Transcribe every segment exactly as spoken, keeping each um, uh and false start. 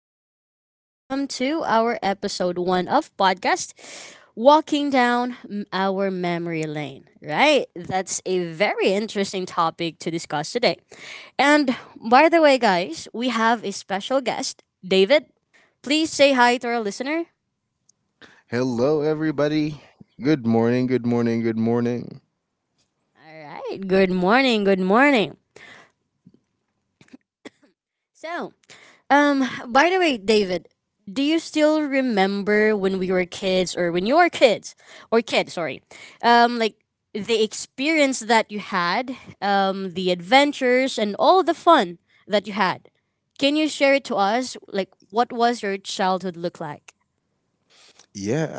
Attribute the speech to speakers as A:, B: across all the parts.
A: Brazel, and welcome to our episode one of podcast, Walking Down M- Our Memory Lane. Right? That's a very interesting topic to discuss today. And by the way, guys, we have a special guest, David. Please say hi to our listener.
B: Hello, everybody. Good morning. Good morning. Good morning.
A: All right. Good morning. Good morning. So, Um, by the way, David, do you still remember when we were kids or when you were kids or kid? Sorry. Um like the experience that you had, um the adventures and all the fun that you had. Can you share it to us like what was your childhood look like?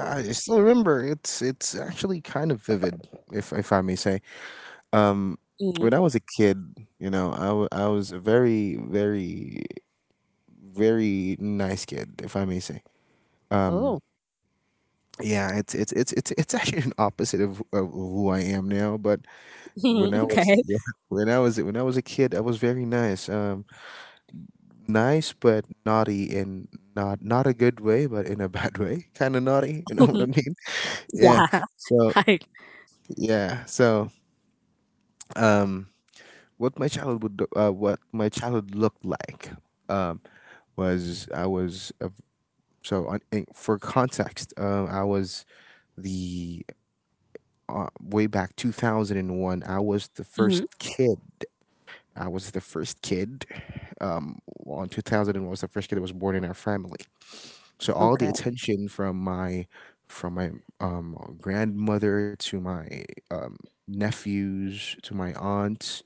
A: Or
B: I
A: like.
B: still remember. It's it's actually kind of vivid, if if I may say. Um,
A: Hmm.
B: when I was a kid, you know, I, w- I was a very very very nice kid, if I may say. Um,
A: Oh.
B: yeah, it's it's it's it's it's actually an opposite of, of who I am now. But when I was
A: Okay.
B: when I was when I was a kid, I was very nice. Um, nice but naughty in not not a good way, but in a bad way, kind of naughty. You know what I mean? Yeah.
A: Yeah.
B: So
A: Hi.
B: yeah. So um, what my childhood do- uh, what my childhood looked like um was I was a, so on, in, for context um I was the uh, way back two thousand and one I was the first
A: Mhm.
B: kid. I was the first kid. Um, on two thousand and one was the first kid that was born in our family. So all the
A: Okay.
B: attention from my from my um, grandmother to my um, nephews to my aunts,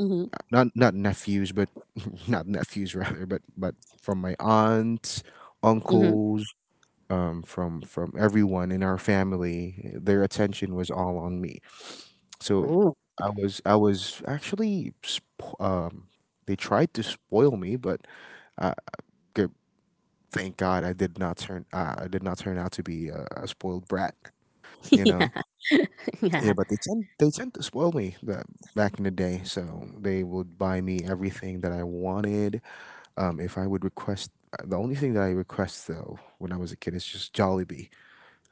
A: Mm-hmm.
B: not not nephews, but not nephews rather, but but from my aunts,
A: Mm-hmm.
B: uncles, um, from from everyone in our family, their attention was all on me. So
A: Oh.
B: I was I was actually sp- um, they tried to spoil me, but uh, g- thank God I did not turn uh, I did not turn out to be a, a spoiled brat, you
A: Yeah.
B: know. Yeah,
A: Yeah.
B: but they tend they tend to spoil me that back in the day. So they would buy me everything that I wanted. Um, if I would request, uh, the only thing that I request though when I was a kid is just Jollibee.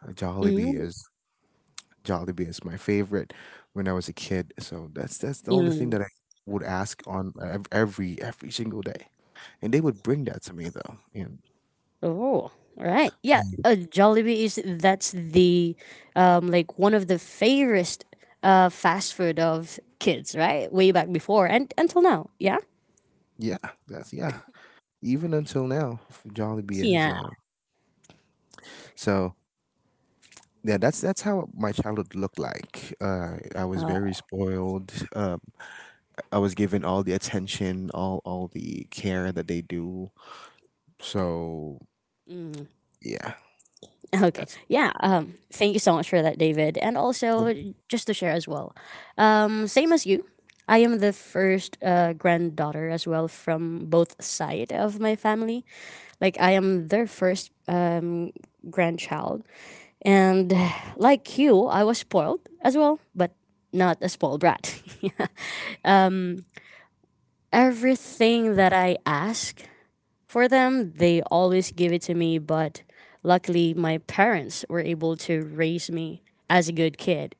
B: Uh, Jollibee is Jollibee is my favorite when I was a kid. So that's that's the only thing
A: Mm-hmm.
B: that I would ask on ev- every every single day, and they would bring that to me though. And
A: Oh, right. Yeah,
B: Mm.
A: uh, Jollibee is that's the um like one of the favorite uh fast food of kids, right? Way back before and until now. Yeah.
B: Yeah, that's yeah. Even until now, f- Jollibee is.
A: Yeah.
B: Uh, so yeah, that's that's how my childhood looked like. Uh, I was
A: Uh,
B: very spoiled. Um, I was given all the attention, all all the care that they do. So
A: mm,
B: yeah,
A: okay.
B: that's
A: Yeah. Um. Thank you so much for that, David. And also just to share as well. Um. Same as you. I am the first uh, granddaughter as well from both side of my family. Like I am their first um, grandchild, and like you, I was spoiled as well, but not a spoiled brat. um, everything that I ask for them, they always give it to me. But luckily, my parents were able to raise me as a good kid,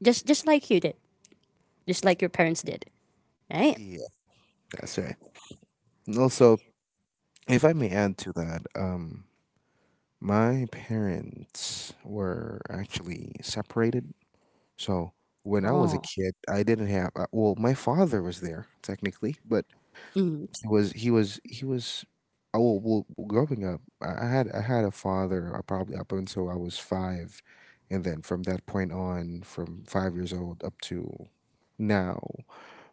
A: just just like you did, just like your parents did, right?
B: yeah, that's right. And also, if I may add to that, um, my parents were actually separated. So when I was a
A: Oh,
B: kid, I didn't have. Uh, well, my father was there technically, but
A: mm,
B: was he was he was oh well well, growing up I I had I had a father I probably up until I was five, and then from that point on from five years old up to now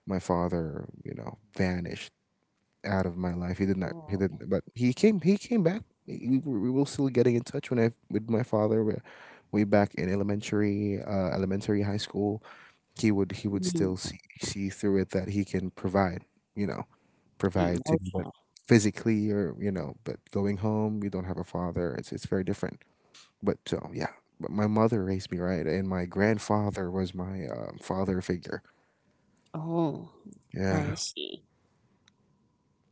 B: my father, you know, vanished out of my life. He did not he
A: oh,
B: didn't, but he came he came back. We were, we were still getting in touch when I with my father way way back in elementary uh, elementary high school. He would he would
A: mm,
B: still see see through it that he can provide, you know,
A: mm,
B: provide to me, but
A: okay.
B: physically or, you know, but going home, we don't have a father. It's it's very different. But so yeah, but my mother raised me right, and my grandfather was my um, father figure.
A: Oh, I
B: Yeah.
A: see.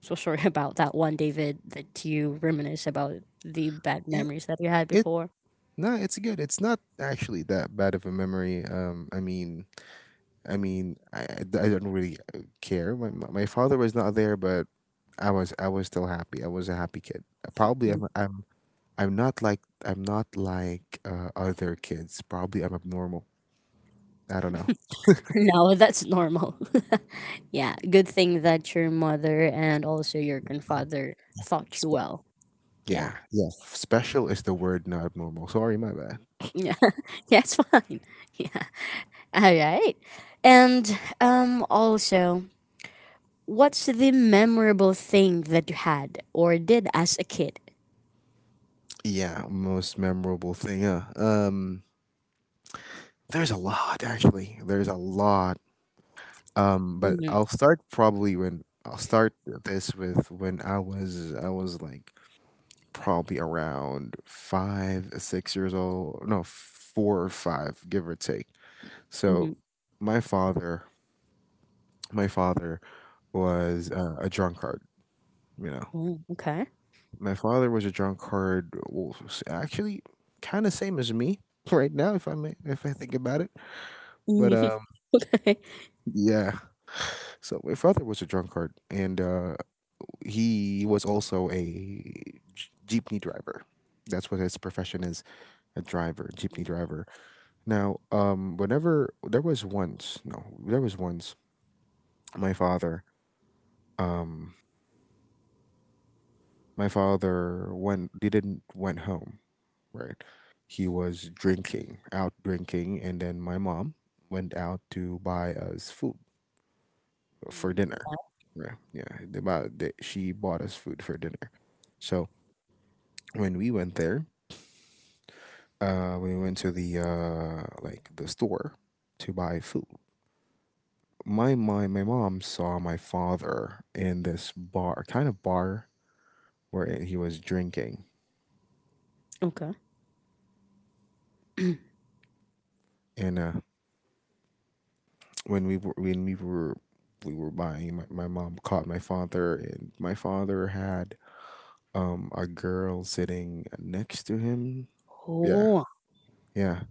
A: So sorry about that one, David, that you
B: No,
A: reminisce about the bad
B: It,
A: memories that you had
B: it
A: before.
B: no, it's good. It's not actually that bad of a memory. Um, I mean, I mean, I, I d- I don't really uh, care. My my my father was not there, but I was I was still happy. I was a happy kid. Uh, Probably I'm I'm I'm not like I'm not like uh, other kids. Probably I'm abnormal. I don't know.
A: No, that's normal. Yeah, good thing that your mother and also your grandfather thought you
B: Spe-
A: well. Yeah.
B: yeah, yeah. Special is the word, not abnormal. Sorry, my bad.
A: Yeah, that's fine. Yeah. All right. And um also, what's the memorable thing that you had or did as a kid?
B: Yeah, most memorable thing. Uh, um, there's a lot actually. There's a lot. Um, but
A: Mm-hmm.
B: I'll start probably when I'll start this with when I was I was like probably around five, six years old. No, four or five, give or take.
A: Hmm.
B: So my father, my father was uh, a drunkard. You know,
A: Oh, okay.
B: my father was a drunkard. Well, actually, kind of same as me right now, if I may, if I think about it. But um, yeah. So my father was a drunkard, and uh, he was also a j- jeepney driver. That's what his profession is, a driver, jeepney
A: Mhm.
B: driver. Now, um, whenever there was once, no, there was once my father, um, my father went, didn't went home, right? He was drinking, out drinking, and then my mom went out to buy us food for
A: Mhm.
B: dinner. Right? Yeah, they bought, they, she bought us food for dinner. So when we went there, uh, we went to the uh, like the store to buy food. My my my mom saw my father in this bar, kind of bar where he was drinking,
A: Okay.
B: and uh, when we were when we were we were buying, my, my mom caught my father, and my father had um a girl sitting next to him. Yeah,
A: Oh,
B: yeah,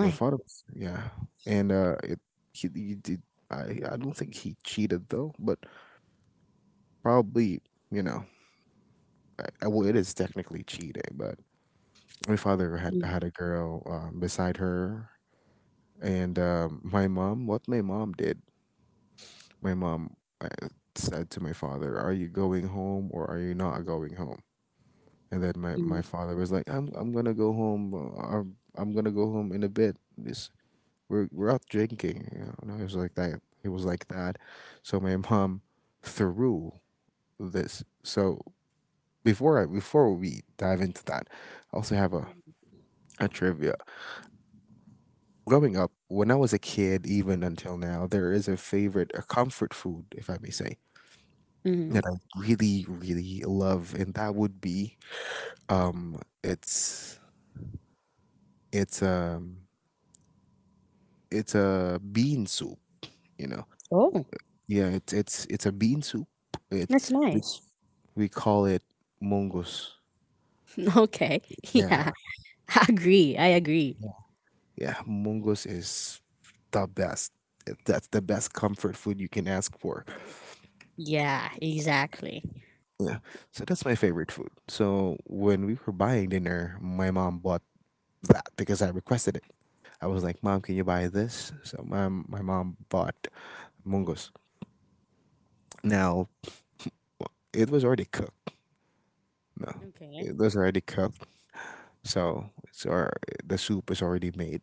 B: my father, yeah. And uh it he, he did. I i don't think he cheated though, but probably, you know, I, I- well, it is technically cheating, but my father had had a girl um, beside her. And um, my mom, what my mom did my mom, uh, said to my father, "Are you going home, or are you not going home?" And then my,
A: Mm-hmm.
B: my father was like, I'm, I'm going to go home. uh, I'm, I'm going to go home in a bit. This, we're, we're out drinking." You know? And I was like that. It was like that. So my mom threw this. So before I, before we dive into that, I also have a, a trivia. Growing up, when I was a kid, even until now, there is a favorite, a comfort food, if I may say,
A: Mhm.
B: that I really, really love, and that would be um, it's it's um it's a bean soup, you know.
A: Oh,
B: Yeah, it's it's it's a bean soup. It
A: that's
B: we
A: nice.
B: we call it mongoose.
A: Okay.
B: Yeah,
A: Yeah. I agree. I agree.
B: yeah, yeah, mongoose is the best. It- That's the best comfort food you can ask for.
A: Yeah, exactly.
B: Yeah, so that's my favorite food. So when we were buying dinner, my mom bought that because I requested it. I was like, "Mom, can you
A: Mhm.
B: buy this?" So my my mom bought mungos. Now, it was already cooked. No,
A: Okay.
B: it was already cooked, so it's, or the soup is already made,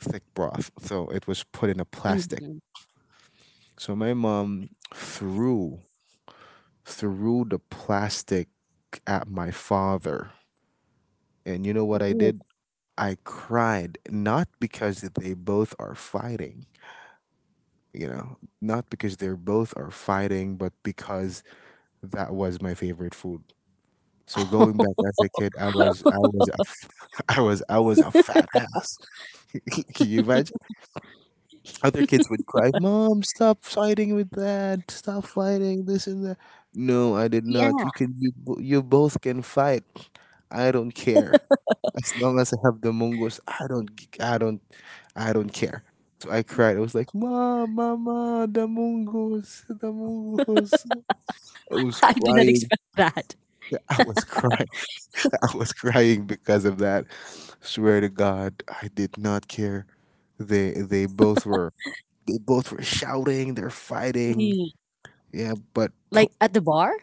B: thick broth. So it was put in a plastic.
A: Mhm.
B: So my mom threw threw the plastic at my father, and you know what I did? I cried not because they both are fighting, you know, not because they're both are fighting, but because that was my favorite food. So going
A: Oh,
B: back as a kid, I was I was I was I was a fat ass. Can you imagine? Other kids would cry, "Mom, stop fighting with dad. Stop fighting this and that." No, I did not.
A: yeah.
B: You can you bo- you both can fight. I don't care. As long as I have the mongoose, I don't g- I don't I don't care. So I cried. I was like, "Mom, mama, the mongoose, the mongoose." I was
A: I did not
B: crying.
A: expect that.
B: I was crying. I was crying because of that. Swear to God, I did not care. They they both were they both were shouting. They're fighting.
A: Mm.
B: Yeah, but
A: Like at the bar?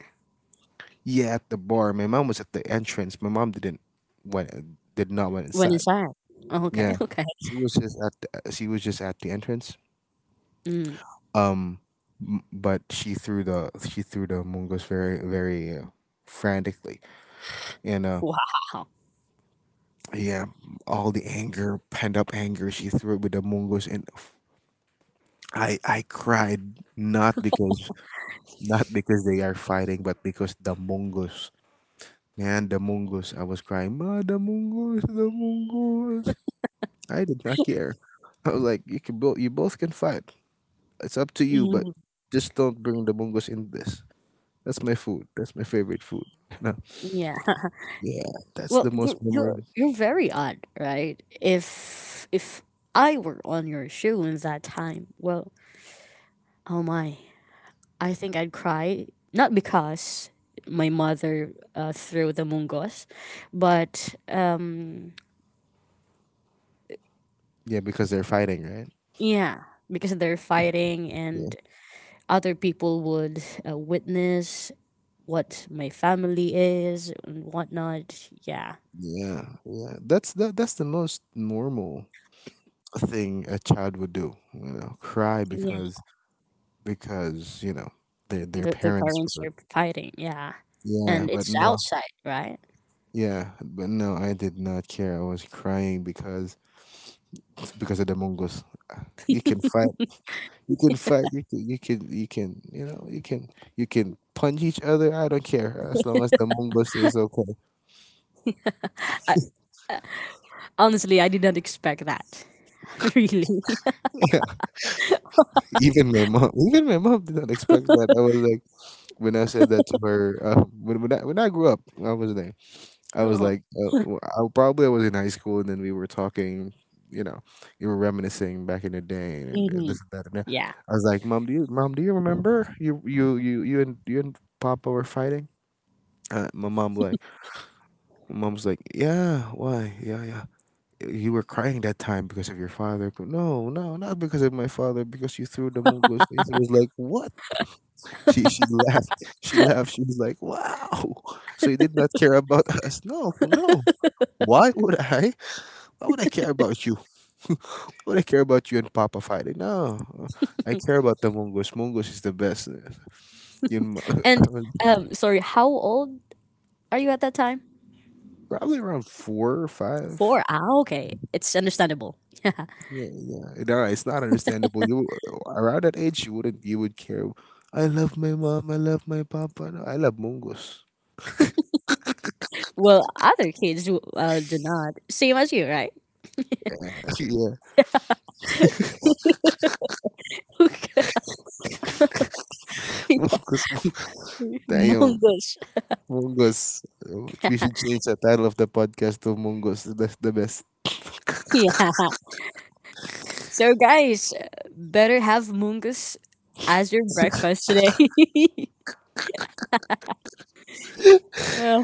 B: yeah, at the bar, my mom was at the entrance. My mom didn't went did not went
A: When is
B: inside.
A: that? Oh, okay.
B: Yeah,
A: Okay.
B: she was just at the, she was just at the entrance.
A: Mm.
B: Um, m- but she threw the she threw the mungos very very uh, frantically, and uh,
A: Wow.
B: yeah, all the anger, pent up anger, she threw it with the mungos, and I I cried not because not because they are fighting, but because the mongoose. Man, the mongoose. I was crying, "Ma, the mongoose, the mongoose." I did not care. I was like, you can both you both can fight. It's up to you, but
A: Mm.
B: just don't bring the mongoose in this. That's my food. That's my favorite food. No.
A: Yeah.
B: Yeah, that's
A: Well,
B: the
A: you're
B: most
A: you're
B: memorable.
A: you're very odd, right? If if I were on your shoe in that time, well, oh my, I think I'd cry not because my mother uh, threw the mungos, but um,
B: Yeah, because they're fighting, right?
A: yeah, because they're fighting
B: Yeah,
A: and other people would uh, witness what my family is and whatnot. Yeah,
B: yeah, yeah. That's the that's the most normal thing a child would do. You know, cry
A: yeah,
B: because because you know their their
A: the, the
B: parents
A: parents
B: were
A: are fighting. Yeah,
B: yeah
A: and
B: but
A: it's
B: no
A: outside, right?
B: yeah but no I did not care I was crying because because of the mongoose you can fight you can fight you can you can you can you know you can you can punch each other I don't care as long as the mongoose is okay.
A: I, I, honestly, I did not expect that. Really.
B: Yeah, even my mom even my mom did not expect that. I was like when I said that to her uh, when, when, I, when I grew up, i was like I was
A: Oh.
B: like, uh, w- I probably I was in high school, and then we were talking. You know, you were reminiscing back in the day, and
A: Mhm.
B: this and that. And that.
A: Yeah.
B: I was like, "Mom, do you, Mom, do you remember you, you, you, you and you and Papa were fighting?" Uh, my mom like, my mom's like, "Yeah, why? Yeah, yeah. You were crying that time because of your father." But no, no, not because of my father. Because you threw the Mongol things. I was like, "What?" She she laughed. She laughed. She was like, "Wow." So you did not care about us. No, no. Why would I? Why would I care about you? Why would I care about you and Papa fighting? No, I care about the Mongoose. Mongoose is the best. You know,
A: And
B: I was
A: um, sorry, how old are you at that time?
B: probably around four or five.
A: Four? Ah, okay. It's understandable.
B: Yeah, yeah. No, it's not understandable. You around that age, you wouldn't. You would care. I love my mom. I love my papa. No, I love Mongoose.
A: Well, other kids do, uh, do not. Same as you, right?
B: Yeah,
A: Okay.
B: Mongoose. Damn,
A: Mungus.
B: Mongoose. We should change the title of the podcast to Mongoose. That's the best.
A: Yeah. So, guys, better have mungus as your breakfast today. Well,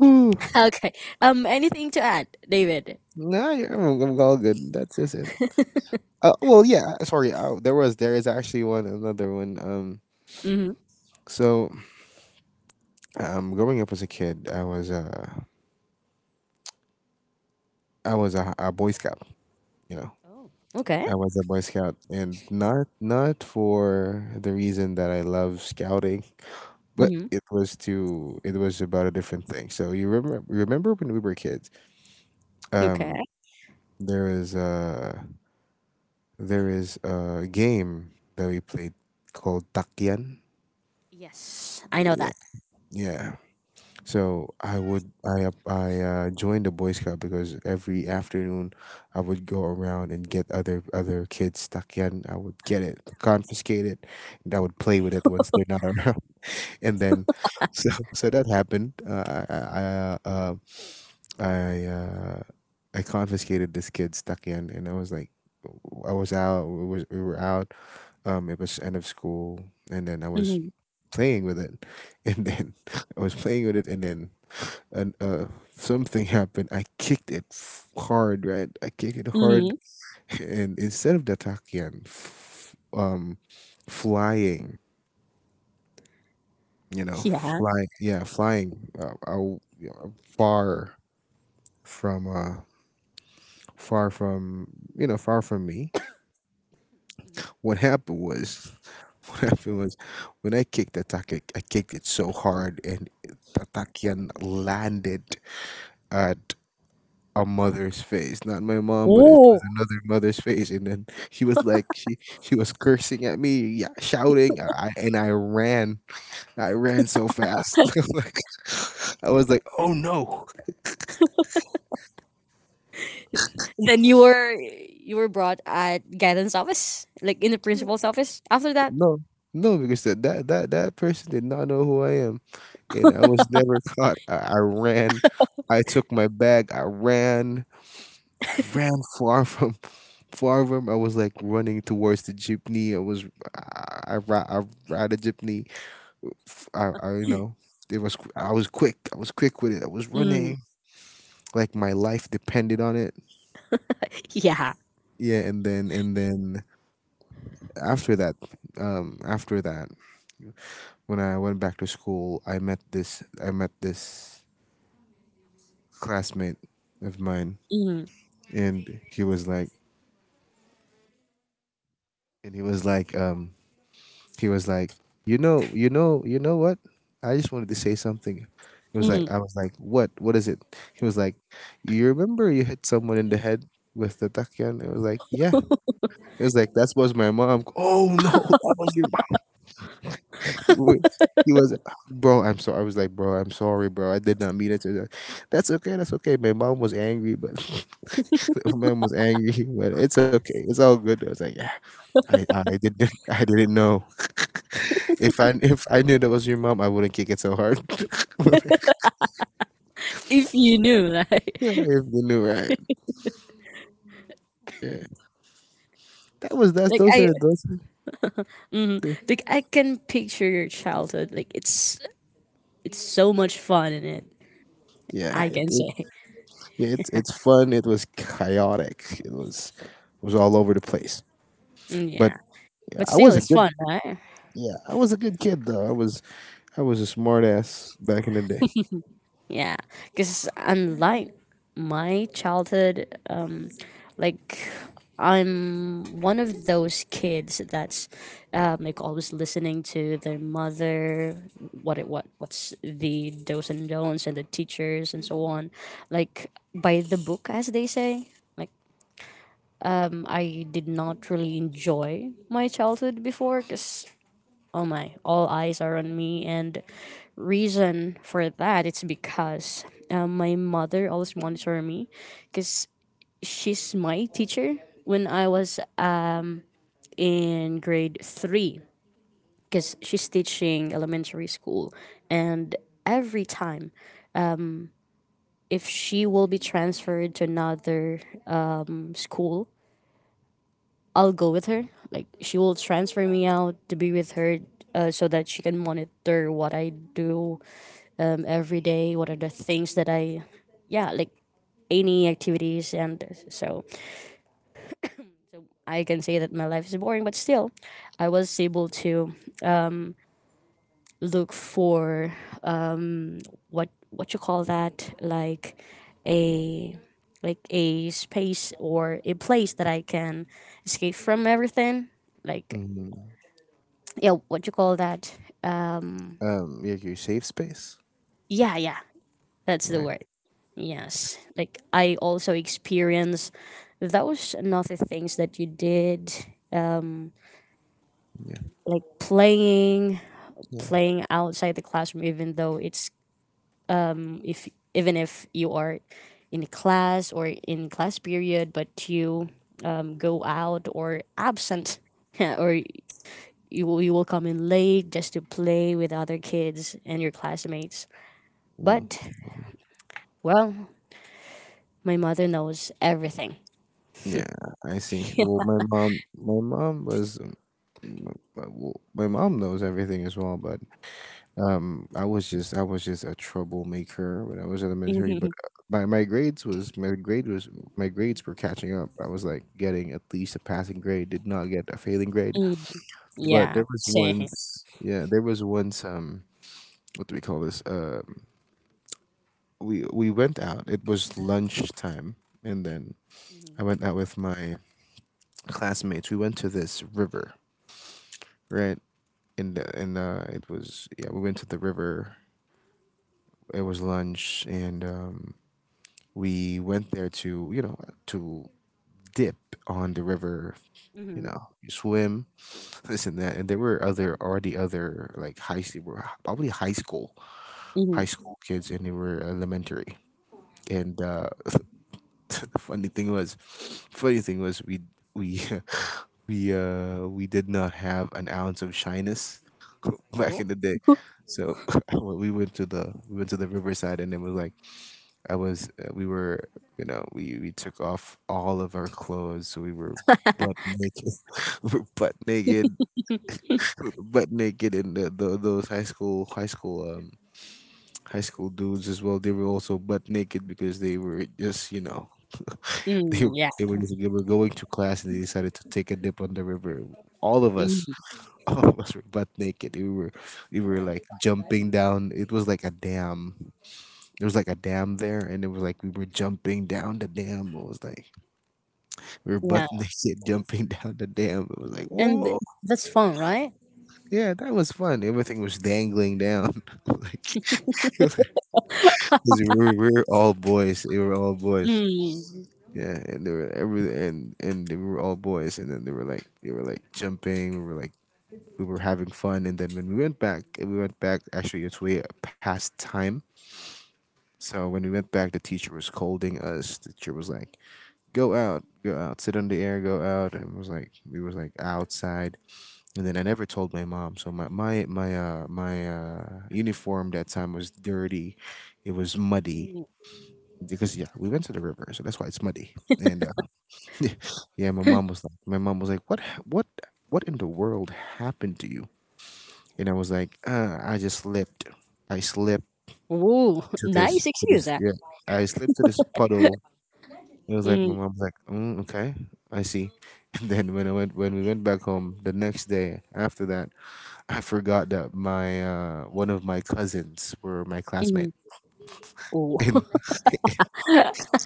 B: Whew.
A: okay. Um, anything to add, David?
B: Nah, you're, I'm all good. That's just it. Uh, well, yeah. uh, Sorry, uh, there was there is actually one another one. Um,
A: Mm-hmm.
B: so um, growing up as a kid, I was uh, I was a, a Boy Scout. You know,
A: Oh, okay.
B: I was a Boy Scout, and not not for the reason that I love scouting, but
A: Mm-hmm.
B: it was to it was about a different thing. So you remember remember when we were kids? Um,
A: Okay.
B: there is a there is a game that we played called Takyan.
A: Yes, I know
B: Yeah,
A: that.
B: yeah. So I would I up- I uh, joined the Boy Scout because every afternoon I would go around and get other other kids stuck in. I would get it, confiscate it, and I would play with it once they're not around. And then, so so that happened. Uh, I I I, uh, I uh, I confiscated this kid stuck in, and I was like, I was out. We was we were out. Um, it was end of school, and then I was
A: Mm-hmm.
B: playing with it, and then I was playing with it, and then and uh something happened. I kicked it f- hard, right? I kicked it hard,
A: Mm-hmm.
B: and instead of the Datakian, f- um, flying, you know,
A: Yeah.
B: flying, yeah, flying, uh, out, you know, far from, uh, far from, you know, far from me.
A: Mhm.
B: What happened was, what happened was, when I kicked the Taki, I kicked it so hard, and the Datakian landed at a mother's face, not my mom, but it was
A: Oh.
B: another mother's face. And then she was like, she she was cursing at me, yeah, shouting, I, I- and I ran, I ran so fast. I'm like, I was like, oh no,
A: Then you were you were brought at guidance office, like in the principal's office. After that,
B: no, no, because that that that that person did not know who I am, and I was never caught. I, I ran, I took my bag, I ran. I ran far from far from. I was like running towards the jeepney. I was, I, I, ra- I ride a jeepney. I I you know it was qu- I was quick I was quick with it, I was
A: mm,
B: running like my life depended on it.
A: yeah,
B: Yeah, and then and then after that, um after that, when I went back to school I met this I met this classmate of mine,
A: mm,
B: and he was like and he was like um he was like, "You know, you know, you know what? I just wanted to say something." He was like,
A: mm.
B: "I was like, what? What is it?" He was like, "You remember you hit someone in the head with the takyan?" It was like, "Yeah." It was like, "That was my mom." Oh no, that was your mom. Wait, He was, bro. I'm sorry. I was like, bro, I'm sorry, bro. I did not mean it. To That's okay. That's okay. My mom was angry, but my mom was angry, but it's okay. It's all good. I was like, yeah. I I didn't I didn't know. if I if I knew that was your mom, I wouldn't kick it so hard. If
A: If you knew, like,
B: they knew, right. Yeah. That was that's
A: like
B: those
A: I,
B: are those are-
A: mm,
B: yeah.
A: like I can picture your childhood. Like it's it's so much fun in it.
B: Yeah,
A: I
B: it,
A: can
B: it,
A: say.
B: yeah, it's it's fun. It was chaotic. It was it was all over the place.
A: Mm,
B: But
A: yeah, but
B: I
A: still,
B: was a
A: it's
B: good
A: fun, right?
B: yeah, I was a good kid though. I was I was a smart ass back in the day.
A: Yeah, because unlike my childhood, like I'm one of those kids that's um, like always listening to their mother, what it what what's the dos and don'ts and the teachers and so on, like by the book as they say. Like mm, I did not really enjoy my childhood before because oh my, all eyes are on me and reason for that it's because um, my mother always monitor me because she's my teacher when I was in grade three because she's teaching elementary school. And every time, if she will be transferred to another um, school, I'll go with her. Like, she will transfer me out to be with her uh, so that she can monitor what I do um, every day, what are the things that I, yeah, like any activities. And so, so I can say that my life is boring, but still, I was able to look for what what you call that like a like a space or a place that I can escape from everything. Like
B: Hmm.
A: yeah, what you call that? Uh,
B: Um yeah, your safe space?
A: Yeah, yeah, that's the
B: Yeah.
A: word. Yes, like I also experienced those another things that you did,
B: Yeah.
A: like playing,
B: Yeah.
A: playing outside the classroom, even though it's if even if you are in class or in class period, but you um, go out or absent, or you you will come in late just to play with other kids and your classmates.
B: Mm.
A: But well, my mother knows everything.
B: Yeah, I see. Well, my mom, my mom was my, my wo- my mom knows everything as well, but um i was just i was just a troublemaker when I was elementary, but
A: Mhm.
B: uh, my, my grades was my grade was my grades were catching up. I was like getting at least a passing grade, did not get a failing grade,
A: Mm,
B: but
A: yeah,
B: there was
A: same.
B: once yeah there was once um what do we call this uh we we went out. It was lunchtime, and then I
A: Mhm.
B: went out with my classmates. We went to this river, right. And uh, and uh, it was yeah we went to the river. It was lunch, and um, we went there to you know to dip on the river. You
A: Mhm.
B: know, you swim, this and that, and there were other already other like high s- were h- probably high school high
A: Mhm.
B: school kids, and they were elementary. And uh, the funny thing was, funny thing was we we we uh we did not have an ounce of shyness back
A: Oh.
B: in the day. So when we went to the we went to the riverside, and it was like I was uh, we were you know we we took off all of our clothes, so we were butt naked. we were butt naked butt naked and the, the, those high school high school um high school dudes as well, they were also butt naked because they were just you know they
A: Mm, yeah.
B: they were just they were going to class and they decided to take a dip on the river. All of
A: Mm,
B: us, all of us were butt naked. We were we were like jumping down. It was like a dam There was like a dam there, and it was like we were jumping down the dam. It was like— we were butt
A: yeah.
B: naked jumping down the dam. It was like,
A: And th-
B: whoa,
A: that's fun, right?
B: yeah, that was fun. Everything was dangling down. like, 'cause we were, we were all boys. They were all boys.
A: Mm.
B: Yeah, and they were every and and they were all boys. And then they were like, they were like jumping. We were like, we were having fun. And then when we went back, we went back. Actually, it's way past time. So when we went back, the teacher was scolding us. The teacher was like, "Go out, go out, sit on the air, go out." And it was like we was like outside, and then I never told my mom. So my my my uh my uh uniform that time was dirty. It was muddy
A: Mm.
B: because yeah, we went to the river, so that's why it's muddy. And uh, yeah, my mom was like, my mom was like, what ha- what what in the world happened to you? And I was like, uh, I just slipped. I slipped
A: Ooh,
B: to this
A: nice
B: to
A: excuse.
B: this
A: Ah.
B: yeah. I slipped to this puddle. It was like my
A: Mm.
B: mom was like, mm, okay, I see. And then when I went when we went back home the next day after that, I forgot that my uh one of my cousins were my classmate.
A: Mhm. Oh.
B: And,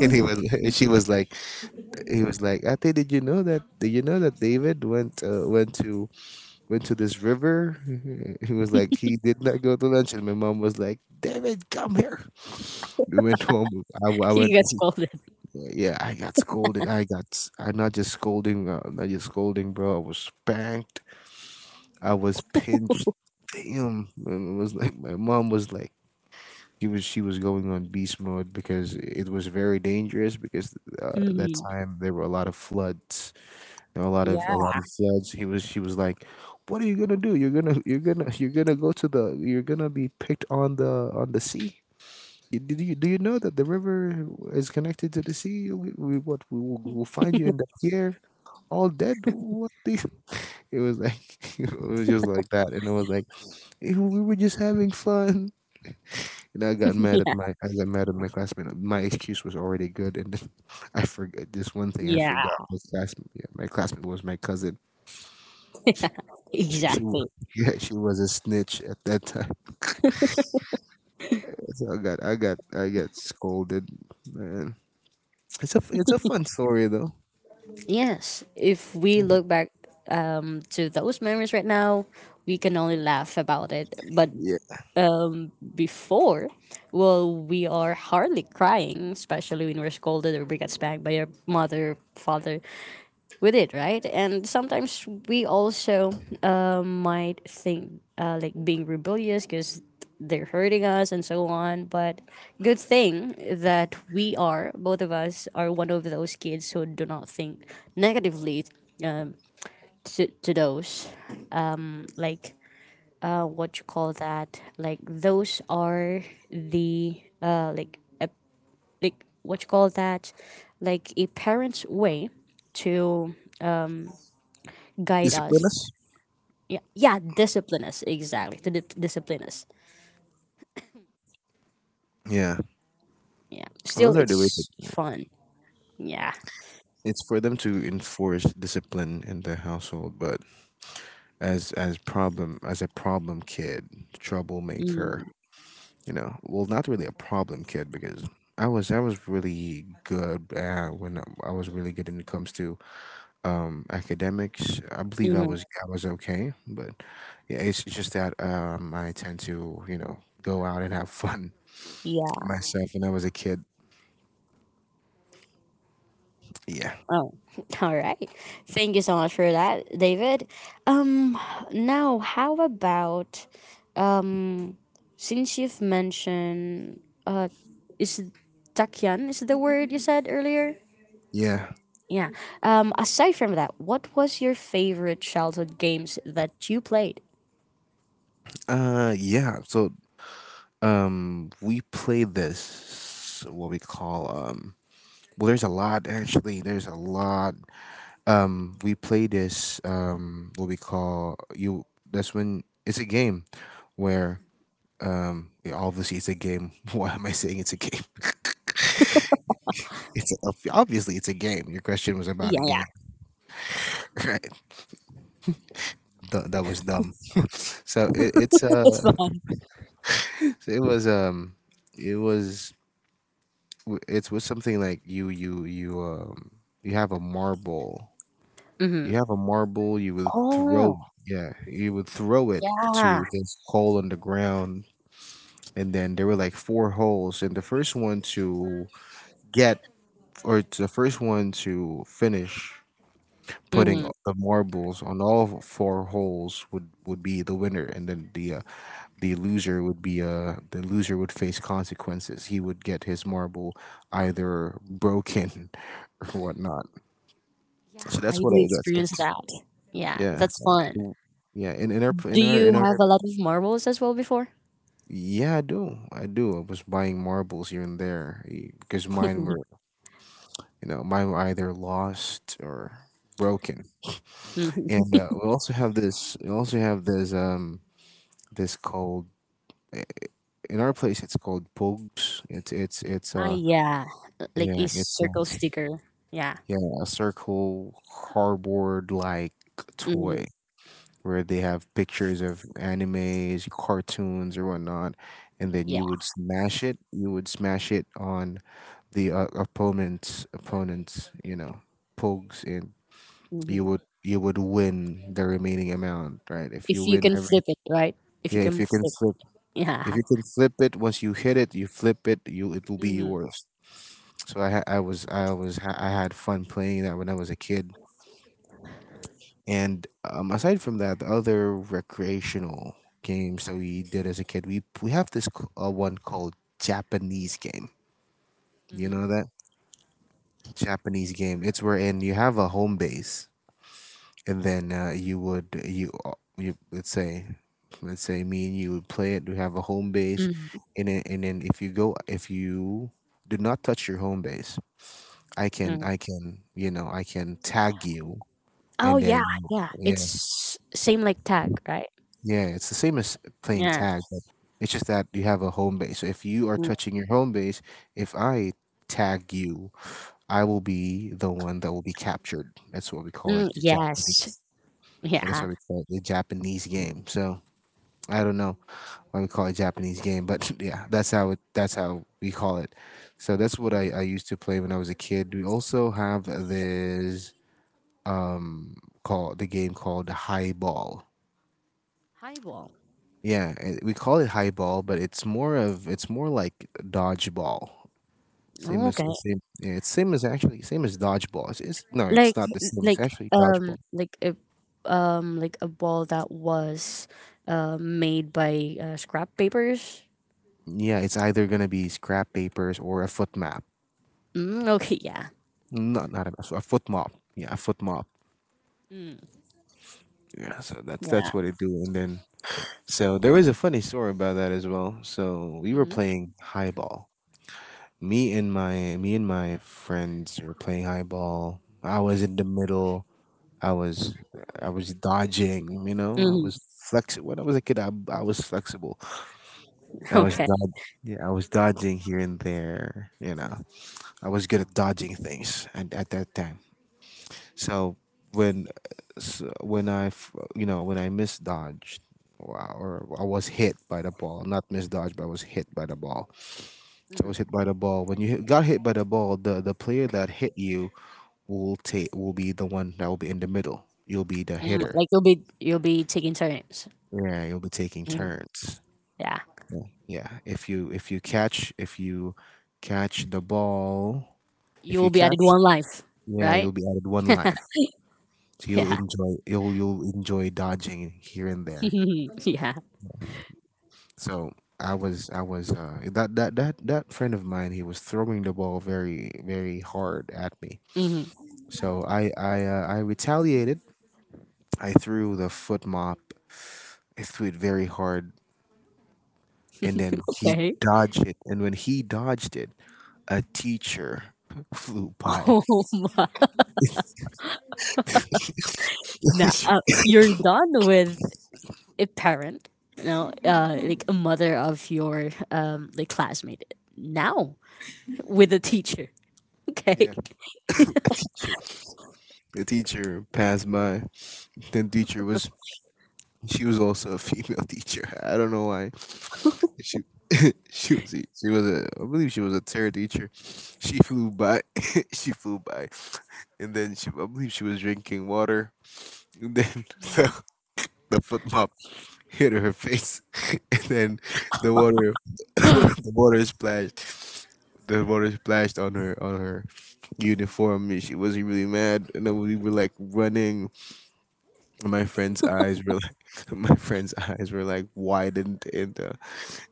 B: and he was she was like he was like Ate, did you know that did you know that David went uh, went to went to this river? He was like he did not go to lunch, and my mom was like David, come here. We went home. I, I went
A: You got scolded.
B: yeah. I got scolded. I got s- I'm not just scolding. Uh, not just scolding, bro. I was spanked. I was pinched. Damn. And it was like my mom was like, she was she was going on beast mode because it was very dangerous because uh, that
A: Mhm.
B: time there were a lot of floods, you know, a lot of a
A: Yeah.
B: lot of floods. He was she was like, what are you gonna do? You're gonna you're gonna you're gonna go to the you're gonna be picked on the on the sea. You- did you do you know that the river is connected to the sea? We, we what we will We'll find you in the pier all dead. What do you— it was like it was just like that, and I was like, "Eh, we were just having fun." And I got mad at my I got mad at my classmate. My excuse was already good, and then I forgot this one thing. I
A: Yeah,
B: forgot my classmate. Yeah, my classmate was my cousin. She, she wa-
A: exactly.
B: yeah, she was a snitch at that time. so I got I got I got scolded. Man, it's a f- it's a fun story though.
A: Yes, if we look back um, to those memories right now, we can only laugh about it. But
B: Yeah,
A: before, well, we are hardly crying, especially when we're scolded or we get spanked by our mother, father. With it, right? And sometimes we also uh, might think uh, like being rebellious because they're hurting us and so on. But good thing that we are, both of us, are one of those kids who do not think negatively to, to those. Like, uh, what you call that? Like, those are the, uh, like, ep- like, what you call that? Like, a parent's way to guide us.
B: discipline us.
A: Yeah, yeah, discipline us, exactly, to di- discipline us.
B: Yeah,
A: Yeah, still
B: those are the ways.
A: it's
B: that-
A: fun. Yeah.
B: It's for them to enforce discipline in the household, but as as problem as a problem kid, troublemaker,
A: Mm.
B: you know, well, not really a problem kid because i was i was really good at when I was really good when it comes to um academics. I believe i
A: Mhm.
B: was I was okay, but yeah, it's just that um I tend to you know go out and have fun
A: Yeah.
B: myself when I was a kid. Yeah,
A: Oh. All right, thank you so much for that, David. um now how about, um since you've mentioned, uh is takyan is the word you said earlier?
B: yeah.
A: Yeah. um aside from that, what was your favorite childhood games that you played?
B: Uh yeah, so um we play this what we call um well, there's a lot. Actually, there's a lot. um we play this um what we call you. That's when it's a game where um yeah, obviously it's a game. Why am I saying it's a game? it's a, Obviously it's a game. Your question was about a
A: Yeah,
B: game.
A: yeah.
B: Right. Th- that was dumb. So it, it's uh
A: It's fine.
B: so it was um it was w- it was something like you you you um you have a marble. You have a marble, you would
A: Mm-hmm.
B: throw, yeah, you would throw it
A: Yeah.
B: to this hole on the ground, and then there were like four holes, and the first one to get, or the first one to finish putting
A: Mhm.
B: the marbles on all four holes would would be the winner, and then the uh, the loser would be uh the loser would face consequences. He would get his marble either broken or whatnot.
A: Yeah,
B: So
A: I
B: that's what
A: do
B: I, that's
A: experience
B: it.
A: that. Yeah,
B: Yeah.
A: that's fun.
B: w- Yeah, in, in our p-
A: Do
B: in our
A: you
B: in
A: have
B: our
A: a lot of marbles as well before?
B: Yeah, I do. I do. I was buying marbles here and there, eh, because mine were, you know, mine were either lost or broken.
A: Mhm.
B: And uh, we also have this we also have this um this called, eh, in our place it's called pogs. It's it's it's
A: Ah,
B: uh
A: yeah. uh, Like a
B: yeah, it's a,
A: circle sticker. Yeah.
B: yeah, a circle cardboard like
A: Hmm.
B: toy, where they have pictures of animes, cartoons, or whatnot, and then
A: Yeah.
B: you would smash it. You would smash it on the uh, opponent's opponent's, you know, pogs, and you would
A: Hmm.
B: you would win the remaining amount, right? If you
A: If you
B: win
A: can
B: every,
A: flip it, right? If you
B: yeah, if
A: can
B: you can
A: flip.
B: flip, if
A: Yeah.
B: you can flip it, once you hit it, you flip it, you, it will be
A: Hmm.
B: yours. So I ha- I was I was ha- I had fun playing that when I was a kid. And um, aside from that, the other recreational games that we did as a kid, we we have this c- uh, one called Japanese game. You
A: Hmm.
B: know that Japanese game. It's wherein you have a home base, and then uh, you would you uh, you, let's say, let's say me and you would play it. You have a home base,
A: Hmm.
B: and then, and then if you go, if you do not touch your home base, I can I can you know, I can tag you,
A: Oh,
B: and
A: yeah.
B: then
A: Yeah.
B: you.
A: It's same like tag, right?
B: Yeah, it's the same as playing
A: Yeah.
B: tag, but it's just that you have a home base. So if you are
A: Mm.
B: touching your home base, if I tag you, I will be the one that will be captured. That's what we call it,
A: Mm,
B: the
A: yes.
B: Japanese. Yeah, that's
A: Yeah.
B: why we call it the Japanese game. So I don't know why we call it Japanese game, but yeah, that's how it. That's how we call it. So that's what I,
A: Mhm.
B: I used to play when I was a kid. We also have this call the game called High Ball.
A: Highball.
B: Yeah, it, we call it highball, but it's more of, it's more like dodgeball. Same as
A: Okay.
B: same, yeah, it's same as, actually, same as dodgeball. It's, it's no, it's
A: Like
B: not the same. It's
A: like
B: actually
A: um
B: dodgeball.
A: like a um like a ball that was uh, made by uh, scrap papers.
B: Yeah, it's either gonna be scrap papers or a foot map.
A: Mm, okay, yeah,
B: Not not a, a foot mop. Yeah, a foot mop.
A: mm,
B: Yeah, so that's
A: yeah.
B: that's what they do. And then so there was a funny story about that as well. So we were
A: Hmm.
B: playing highball. Me and my me and my friends were playing highball. I was in the middle. I was I was dodging, you know. I was
A: Hmm.
B: flexible. When I was a kid, I, I was flexible. I was
A: Okay.
B: dod- yeah, I was dodging here and there, you know. I was good at dodging things at, at that time. So when, so when I f- you know, when I misdodged, wow, or I was hit by the ball, not misdodged, but I was hit by the ball. So I
A: Hmm.
B: was hit by the ball. When you hit, got hit by the ball, the the player that hit you will take, will be the one that will be in the middle. You'll be the
A: Mm,
B: hitter.
A: like you'll be you'll be taking turns.
B: Yeah, you'll be taking
A: Mm,
B: turns.
A: yeah,
B: Yeah, yeah. If you, if you catch, if you catch the ball, if
A: you'll
B: you
A: be added
B: catch,
A: one life,
B: yeah,
A: right?
B: you'll be added one life. So you'll
A: Yeah,
B: enjoy, you'll you'll enjoy dodging here and there.
A: yeah.
B: So I was, I was uh that that that that friend of mine, he was throwing the ball very, very hard at me.
A: Hmm.
B: So I I uh, I retaliated. I threw the foot mop. I threw it very hard, and then he
A: Okay.
B: dodged it. And when he dodged it, a teacher flew by.
A: Oh,
B: A
A: nah,
B: teacher.
A: uh, you're done with a parent, you know, uh, like a mother of your um, like classmate. Now with a teacher,
B: Yeah,
A: okay.
B: a teacher. A teacher passed by. Then teacher was, she was also a female teacher. I don't know why. She she was a- she was a, I believe she was a terror teacher. She flew by. She flew by, and then she, I believe she was drinking water. And then the the foot mop hit her face, and then the water, the water splashed. The water splashed on her, on her uniform. And she wasn't really mad, and then we were like running. And my friend's eyes were like, my friend's eyes were like widened, and uh,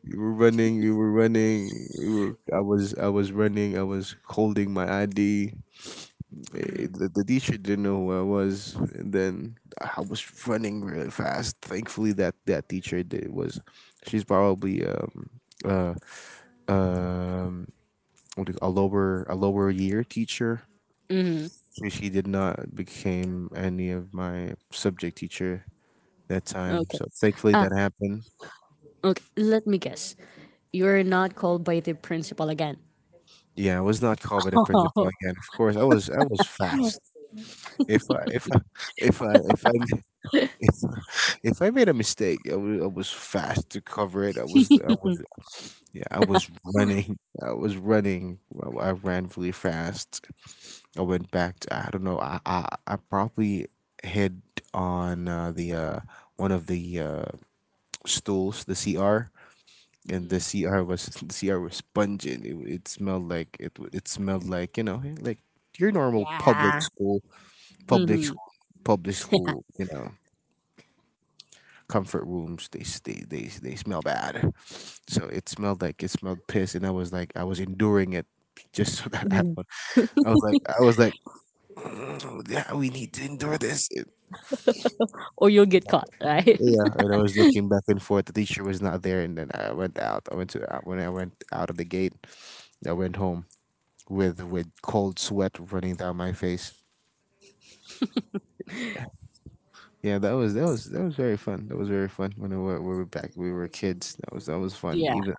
B: we were running, we were running, we were. I was I was running. I was holding my I D, eh, the, the teacher didn't know who I was, and then I was running really fast. Thankfully, that, that teacher did was, she's probably um uh um what do you, a lower, a lower year teacher.
A: Hmm.
B: She, she did not became any of my subject teacher that time.
A: Okay.
B: So thankfully
A: Ah,
B: that happened.
A: okay. Let me guess. You're not called by the principal again.
B: Yeah, I was not called by the principal
A: Oh.
B: again. Of course, I was I was fast. If I, if I if I if I If if I made a mistake, I was I was fast to cover it. I was I was yeah, I was running. I was running. I, I ran really fast. I went back to, I don't know. I I, I probably hit on uh, the uh, one of the uh, stools, the C R, and
A: Mhm.
B: the C R was the C R was pungent. It, it smelled like it. w- It smelled like, you know, like your normal public
A: Yeah.
B: school, public
A: Hmm.
B: school, public school. You know, comfort rooms, they s- they they they smell bad. So it smelled like, it smelled piss, and I was like, I was enduring it just so that I would, i was like I was like, "Mm, yeah, we need to endure this. It-
A: Or you'll get caught, right?
B: yeah." And I was looking back and forth. The teacher was not there, and then I went out. I went to, uh, when I went out of the gate, I went home with with cold sweat running down my face. Yeah, that was, that was that was very fun. That was very fun when we were, we were back. We were kids. That was, that was fun.
A: Yeah.
B: Even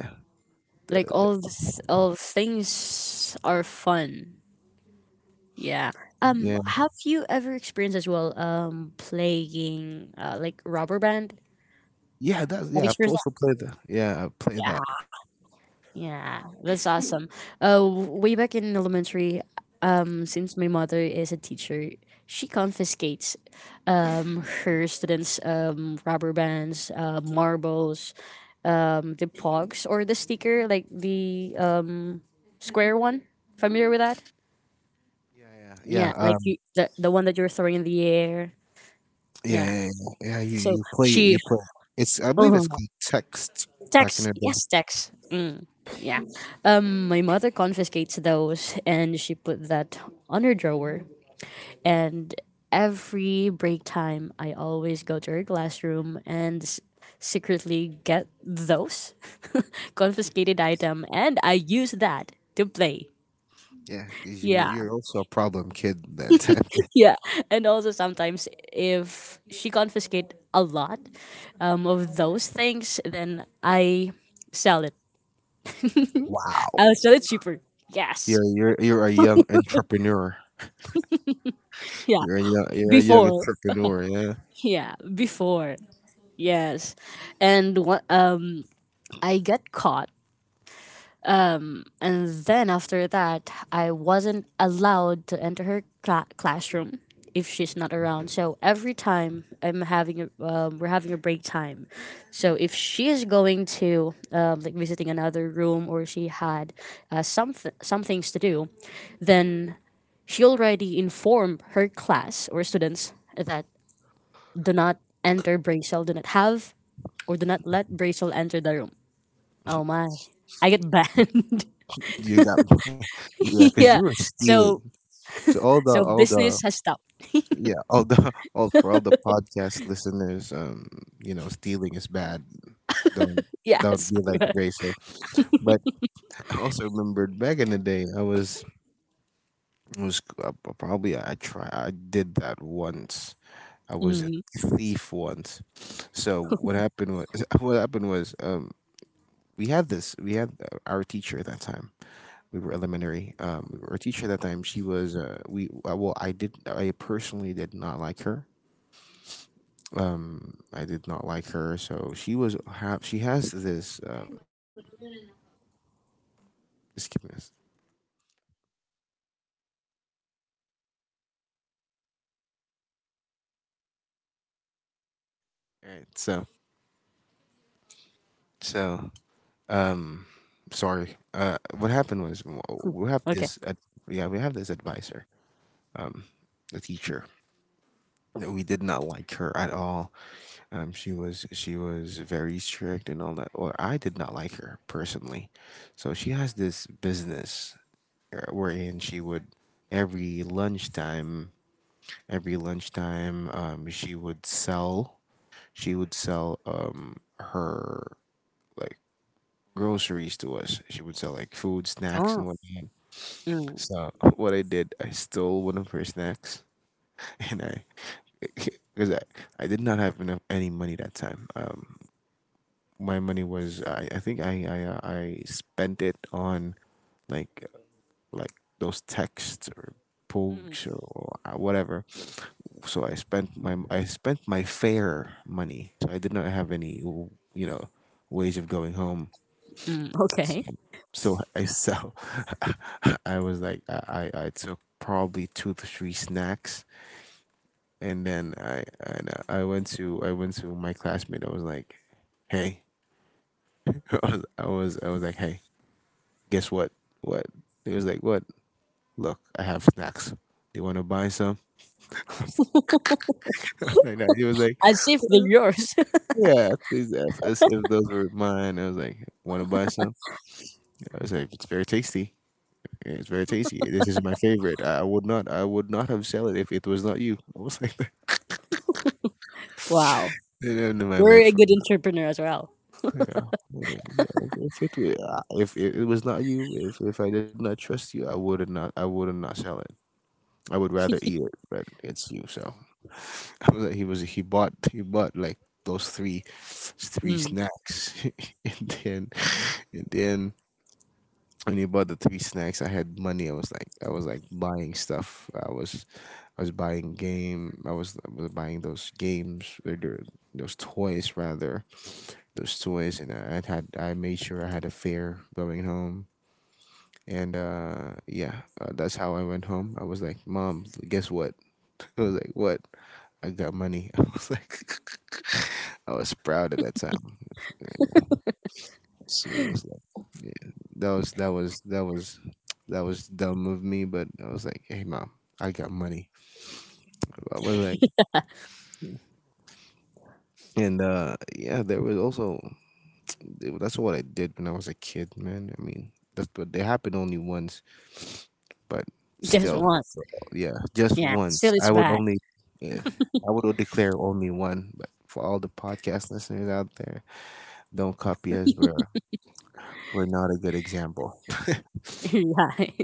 B: yeah,
A: Like all th- all things are fun. Yeah. Um,
B: yeah.
A: have you ever experienced as well um playing uh, like rubber band?
B: Yeah, that's
A: Have you
B: yeah. I've
A: experienced
B: also
A: that?
B: played that. Yeah, I play that.
A: Yeah. Yeah. That's awesome. Uh, w- way back in elementary, um, since my mother is a teacher, she confiscates um her students um rubber bands, uh, marbles, um the pogs or the sticker like the um square one. Familiar with that?
B: Yeah, yeah,
A: Yeah,
B: yeah.
A: like
B: Um,
A: you the the one that you're throwing in the air.
B: yeah,
A: Yeah.
B: yeah, yeah. Yeah, you
A: So
B: you play,
A: she
B: you play. It's, I believe it's called text back in
A: tax,
B: the day.
A: yes, tax. Mm, yeah. Um, my mother confiscates those and she put that on her drawer. And every break time, I always go to her classroom and s- secretly get those confiscated item, and I use that to play.
B: Yeah, 'cause you,
A: Yeah,
B: you're also a problem kid that time.
A: yeah, and also sometimes if she confiscate a lot um, of those things, then I sell it.
B: Wow.
A: I'll sell it cheaper. Yes.
B: You're you're you're a young entrepreneur.
A: Yeah,
B: You're a young you're a young
A: before.
B: entrepreneur. Yeah,
A: Yeah, before. Yes. And wha- um I got caught. Um and then after that, I wasn't allowed to enter her cla- classroom if she's not around. So every time I'm having a um, we're having a break time. So if she is going to um, like visiting another room or she had uh, something some things to do, then she already informed her class or students that do not enter Bracel, do not have or do not let Bracel enter the room. Oh my. I get banned.
B: you got, yeah, 'cause
A: Yeah.
B: you were
A: So
B: stealing. So all the,
A: so
B: all
A: business
B: the,
A: has stopped.
B: yeah, all the all, for all the podcast listeners, um, you know, stealing is bad. Don't, that would
A: Yes.
B: be like racial. But I also remembered back in the day, I was I was uh, probably, I try I did that once. I was a
A: Mm.
B: thief once. So what happened was what happened was um we had this, we had uh, our teacher at that time. We were elementary. Um, our teacher at that time, she was uh, we uh, well, I did, I personally did not like her. Um, I did not like her. So she was have, she has this um. Just give me this. All right. So so um sorry, uh what happened was w- we have
A: Okay.
B: this ad- yeah, we have this advisor, the teacher that we did not like her at all. Um she was, she was very strict and all that, or I did not like her personally. So she has this business, uh, wherein she would, every lunchtime every lunchtime, um she would sell, she would sell um her, like, groceries to us. She would sell like food, snacks,
A: Oh.
B: and whatnot.
A: Mm.
B: So what I did, I stole one of her snacks, and I, because I, I did not have enough any money that time. Um, my money was, I, I think I I uh, I spent it on, like, like those texts or
A: Mm.
B: pogs or whatever. So I spent my I spent my fare money. So I did not have any, you know ways of going home.
A: Mm. Okay.
B: So I so I was like, I I I took probably two to three snacks, and then I and I went to, I went to my classmate. I was like, "Hey." I was I was, I was like, "Hey, guess what? What?" He was like, "What? Look, I have snacks. Do you want to buy some?" Like that. He was like,
A: As if they're yours.
B: "Yeah, please." If, if if those were mine, I was like, "Want to buy some?" I was like, "It's very tasty. Yeah, it's very tasty. This is my favorite. I, I would not. I would not have sell it if it was not you." I was like, that.
A: Wow.
B: And then my,
A: You're
B: my
A: a good entrepreneur as well.
B: yeah, yeah, yeah. If, if it could, uh, if it, it was not you, if if I did not trust you, I would have not. I would have not sell it. I would rather eat it, but it's you. So I was like, he was he bought, he bought like those three three
A: Mm.
B: snacks, and then, and then when he bought the three snacks, I had money. I was like, I was like buying stuff. I was I was buying game. I was, I was buying those games, or their- those toys rather, those toys, and I had I made sure I had a fare going home. And uh, yeah, uh, that's how I went home. I was like, "Mom, guess what?" I was like, "What? I got money." I was like, I was proud at that time. Yeah. So it was like, yeah, that was that was that was that was dumb of me, but I was like, "Hey, Mom, I got money." I was like, and uh, yeah, there was also, that's what I did when I was a kid, man. I mean, that's what they happened only once, but
A: Just
B: still,
A: once.
B: so, yeah, just
A: Yeah.
B: once.
A: Still is
B: I would
A: bad.
B: only, yeah, I would declare only one. But for all the podcast listeners out there, don't copy us. We're we're not a good example.
A: Right.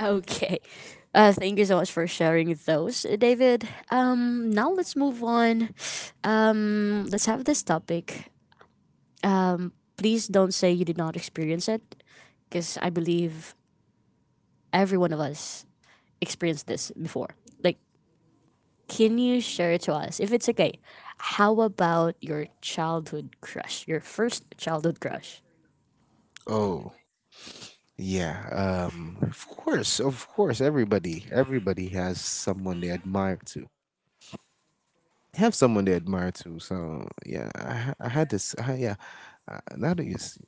A: Okay. Uh, thank you so much for sharing those, uh, David. Um, now let's move on. Um, let's have this topic. Um, please don't say you did not experience it, because I believe every one of us experienced this before. Like, can you share it to us? If it's okay, how about your childhood crush? Your first childhood crush?
B: Oh, yeah, um, of course, of course. Everybody, everybody has someone they admire to, have someone they admire to. So yeah, I, ha- I had this. I, yeah, uh, now that you s-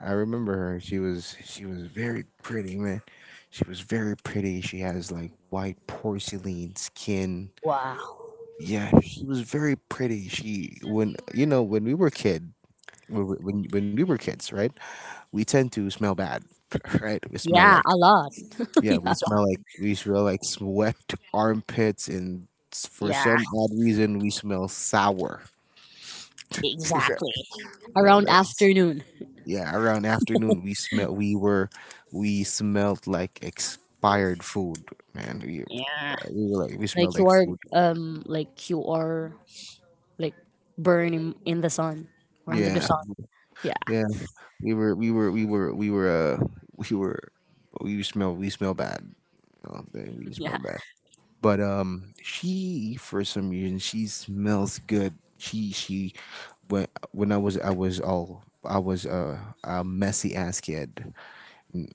B: I remember her. She was she was very pretty, man. She was very pretty. She has like white porcelain skin.
A: Wow.
B: Yeah, she was very pretty. She when you know When we were kid, when we- when when we were kids, right? We tend to smell bad, right? We smell
A: Yeah,
B: like,
A: a lot.
B: yeah, we
A: Yeah.
B: smell like we smell like sweat, armpits, and s- for
A: Yeah,
B: some odd reason we smell sour.
A: exactly. Around
B: That's.
A: afternoon.
B: Yeah, around afternoon we smell, we were we smelled like expired food, man, we,
A: Yeah,
B: we were like, we
A: like
B: smelled
A: you
B: like
A: are
B: food.
A: um like you are like burning in the sun or under the
B: Yeah,
A: sun. Yeah,
B: yeah, we were we were we were we were uh we were, we smell we smell bad, you, we smell
A: yeah.
B: bad. But um she, for some reason, she smells good. She she when when I was I was all I was uh, a messy ass kid.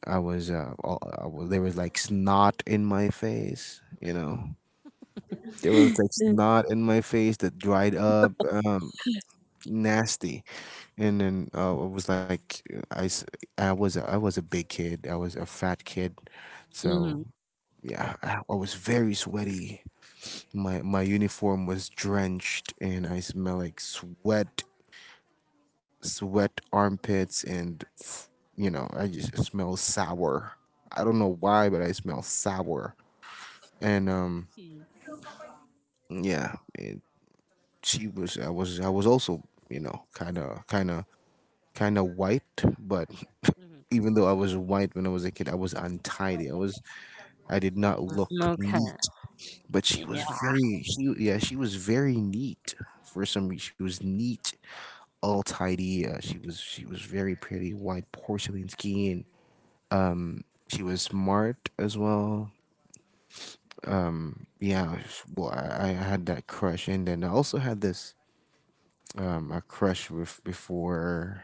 B: I was uh all, I was, There was like snot in my face, you know. There was like snot in my face that dried up, um, nasty. And then, uh, I was like, I, s- I was I was a big kid. I was a fat kid, so
A: Mm-hmm.
B: yeah, I, I was very sweaty. My my uniform was drenched, and I smell like sweat, sweat, armpits, and f- you know, I just smell sour. I don't know why, but I smell sour. And um, yeah, she was I was I was also, you know, kind of, kind of kind of white, but
A: Mm-hmm.
B: even though I was white when I was a kid, I was untidy. I was I did not look
A: Okay.
B: neat, but she
A: Yeah.
B: was very she yeah, she was very neat for some reason. She was neat, all tidy. Uh, she was she was very pretty, white porcelain skin. She was smart as well. Yeah, sh- well, I, I had that crush, and then I also had this, um a crush with before.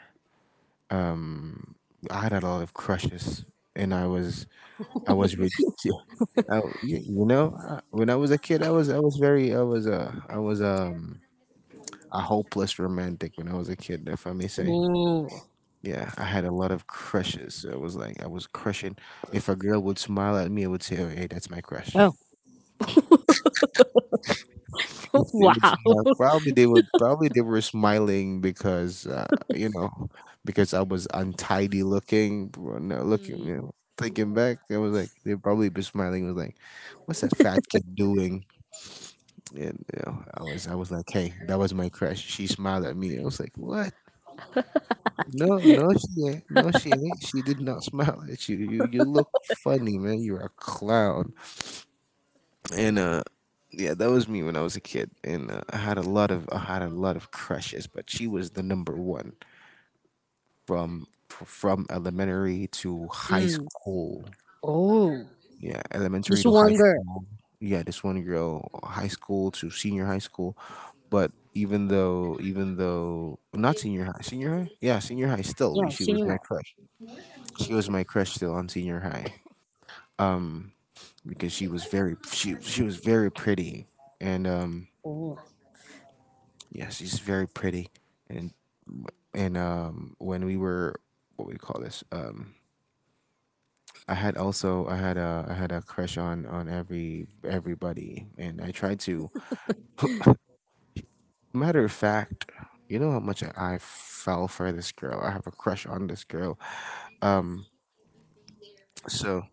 B: um I had a lot of crushes, and I was I was re- I, you, you know I, when I was a kid, I was I was very, I was uh I was um a hopeless romantic when I was a kid, if I may say.
A: Ooh.
B: Yeah, I had a lot of crushes. So it was like I was crushing. If a girl would smile at me, I would say, "Oh, hey, that's my crush."
A: Oh.
B: If they would
A: Wow.
B: smile, probably, they would probably they were smiling because, uh, you know, because I was untidy looking, bro, no, looking, you know. Thinking back, I was like, they probably be smiling. Was like, what's that fat kid doing? And you know, I was, I was like, hey, that was my crush. She smiled at me. I was like, what? No, no, she ain't. No, she ain't. She did not smile at you. You, you look funny, man. You're a clown. And uh, yeah, that was me when I was a kid, and uh, I had a lot of I had a lot of crushes, but she was the number one, from f- from elementary to high
A: Mm-hmm.
B: school.
A: Oh.
B: Yeah, elementary
A: This
B: to high
A: one girl.
B: school. Yeah, this one girl, high school to senior high school. But even though, even though not senior high, senior high, yeah, senior high. Still,
A: Yeah,
B: she
A: she
B: was
A: knew her.
B: my crush. She was my crush still on senior high, because she was very she she was very pretty, and um,
A: Oh.
B: yeah, she's very pretty, and and um when we were what we call this, um i had also i had a I had a crush on, on every everybody, and I tried to, matter of fact, you know how much I fell for this girl. I have a crush on this girl. um so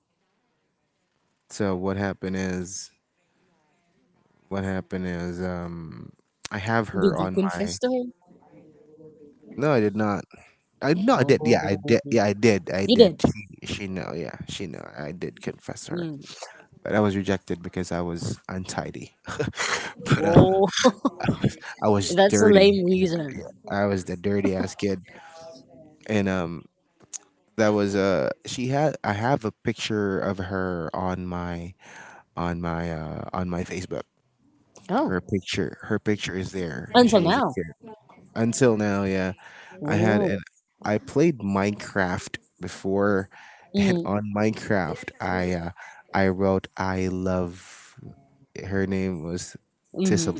B: so what happened is, what happened is um I have
A: Did
B: her
A: you
B: on my...
A: confess to her?
B: No, I did not. I no I did. Yeah, I
A: Oh.
B: did. Yeah i did i
A: You
B: did
A: did.
B: she, she know. Yeah, she know I did confess her,
A: Mm.
B: but I was rejected because I was untidy. But uh,
A: Oh.
B: I was I was
A: That's a
B: dirty.
A: lame
B: And
A: reason.
B: I was the dirty ass kid, and um, that was uh, she had I have a picture of her on my, on my uh on my Facebook.
A: Oh.
B: Her picture her picture is there. She
A: Until
B: was a
A: now.
B: kid, until now. Yeah, I had, and
A: Oh.
B: I played Minecraft before, and
A: Mm.
B: on Minecraft I, uh, I wrote, "I love..." Her name was Tissily.
A: Mm-hmm.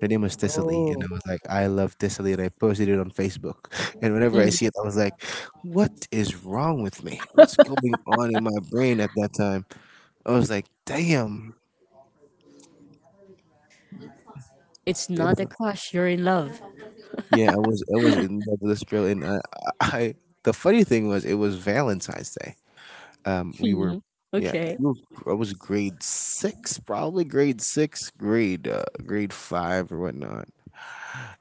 B: Her name was Tissily,
A: Oh.
B: and I was like, "I love Tissily," and I posted it on Facebook. And whenever I see it, I was like, what is wrong with me? What's going on in my brain at that time? I was like, damn.
A: It's
B: It
A: not a
B: was-
A: crush. You're in love.
B: Yeah, I was I was in love with this girl, and I, I the funny thing was, it was Valentine's Day. Um, we were,
A: Mhm.
B: yeah,
A: Okay.
B: we were- I was grade six, probably grade six, grade, uh, grade five or whatnot.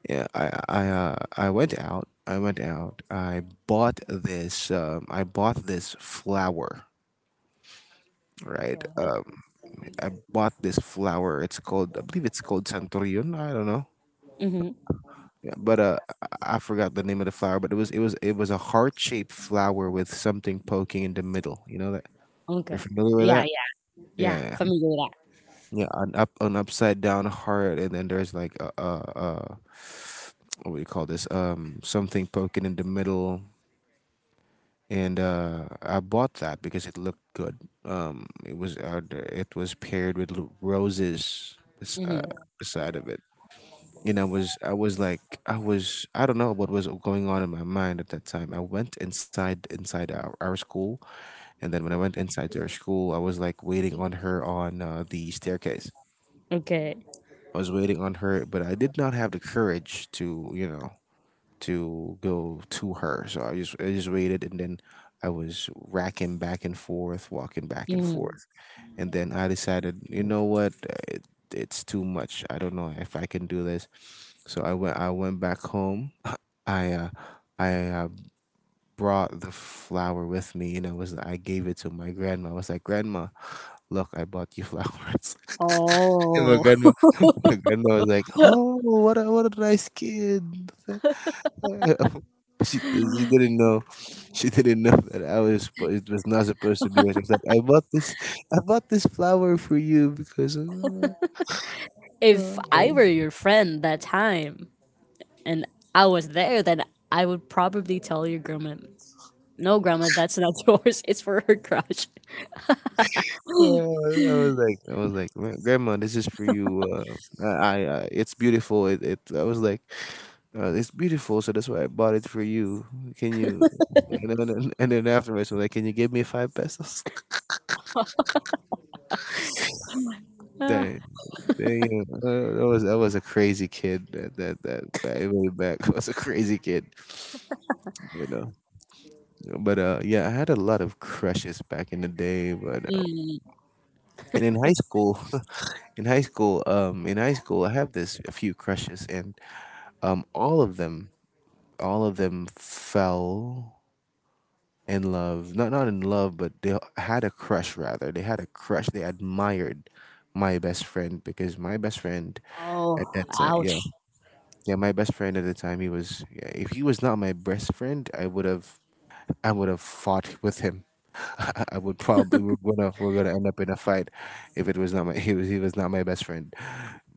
B: Yeah, I I uh, I went out. I went out. I bought this. Um, I bought this flower. Right.
A: Okay.
B: Um, I bought this flower. It's called... I believe it's called Santorion. I don't know.
A: Hmm.
B: Yeah, but uh, I I forgot the name of the flower. But it was it was it was a heart shaped flower with something poking in the middle. You know that,
A: Okay.
B: you're familiar with
A: Yeah.
B: that.
A: Yeah. Yeah.
B: Yeah, yeah,
A: Familiar with
B: yeah, yeah, an up, an upside down heart, and then there's like a, a, a, what do you call this? Um, something poking in the middle, and uh, I bought that because it looked good. Um, it was, uh, d- it was paired with l- roses, bes-
A: that.
B: uh,
A: Hmm.
B: beside of it, and I was I was like I was, I don't know what was going on in my mind at that time. I went inside inside our, our school, and then when I went inside their school, I was like waiting on her on uh, the staircase.
A: Okay.
B: I was waiting on her, but I did not have the courage to you know to go to her. So I just I just waited, and then I was racking back and forth, walking back and
A: Hmm.
B: forth. And then I decided, you know what? uh, It, it's too much. I don't know if I can do this. So I went I went back home. I uh I uh, brought the flower with me, and I was I gave it to my grandma. I was like, "Grandma, look, I bought you flowers." And my
A: Oh.
B: grandma my grandma was like, "Oh, what a what a nice kid." she she didn't know, she didn't know that I was, but it was not supposed to be her. She was like, I bought this I bought this flower for you because uh,
A: If
B: uh,
A: I were your friend that time and I was there, then I would probably tell your grandma, "No, grandma, that's not yours. It's for her crush."
B: yeah. I was like I was like "Gra- grandma, this is for you, uh, I, I it's beautiful, it, it I was like, uh, it's beautiful, so that's why I bought it for you. Can you, and then and then afterwards I was like, can you give me five pesos." Dang.
A: Ah.
B: Damn, uh, that was that was a crazy kid. That that that back, way back was a crazy kid, you know. But uh, yeah, I had a lot of crushes back in the day. But uh,
A: Mm.
B: and in high school, in high school, um, in high school, I have this a few crushes, and um, all of them, all of them fell in love. Not not in love, but they had a crush. Rather, they had a crush. They admired my best friend, because my best friend at
A: Oh.
B: that time,
A: Ouch.
B: yeah. Yeah, my best friend at the time, he was. Yeah, if he was not my best friend, I would have. I would have fought with him. I I would probably, we're gonna we're gonna end up in a fight, if it was not my he was he was not my best friend,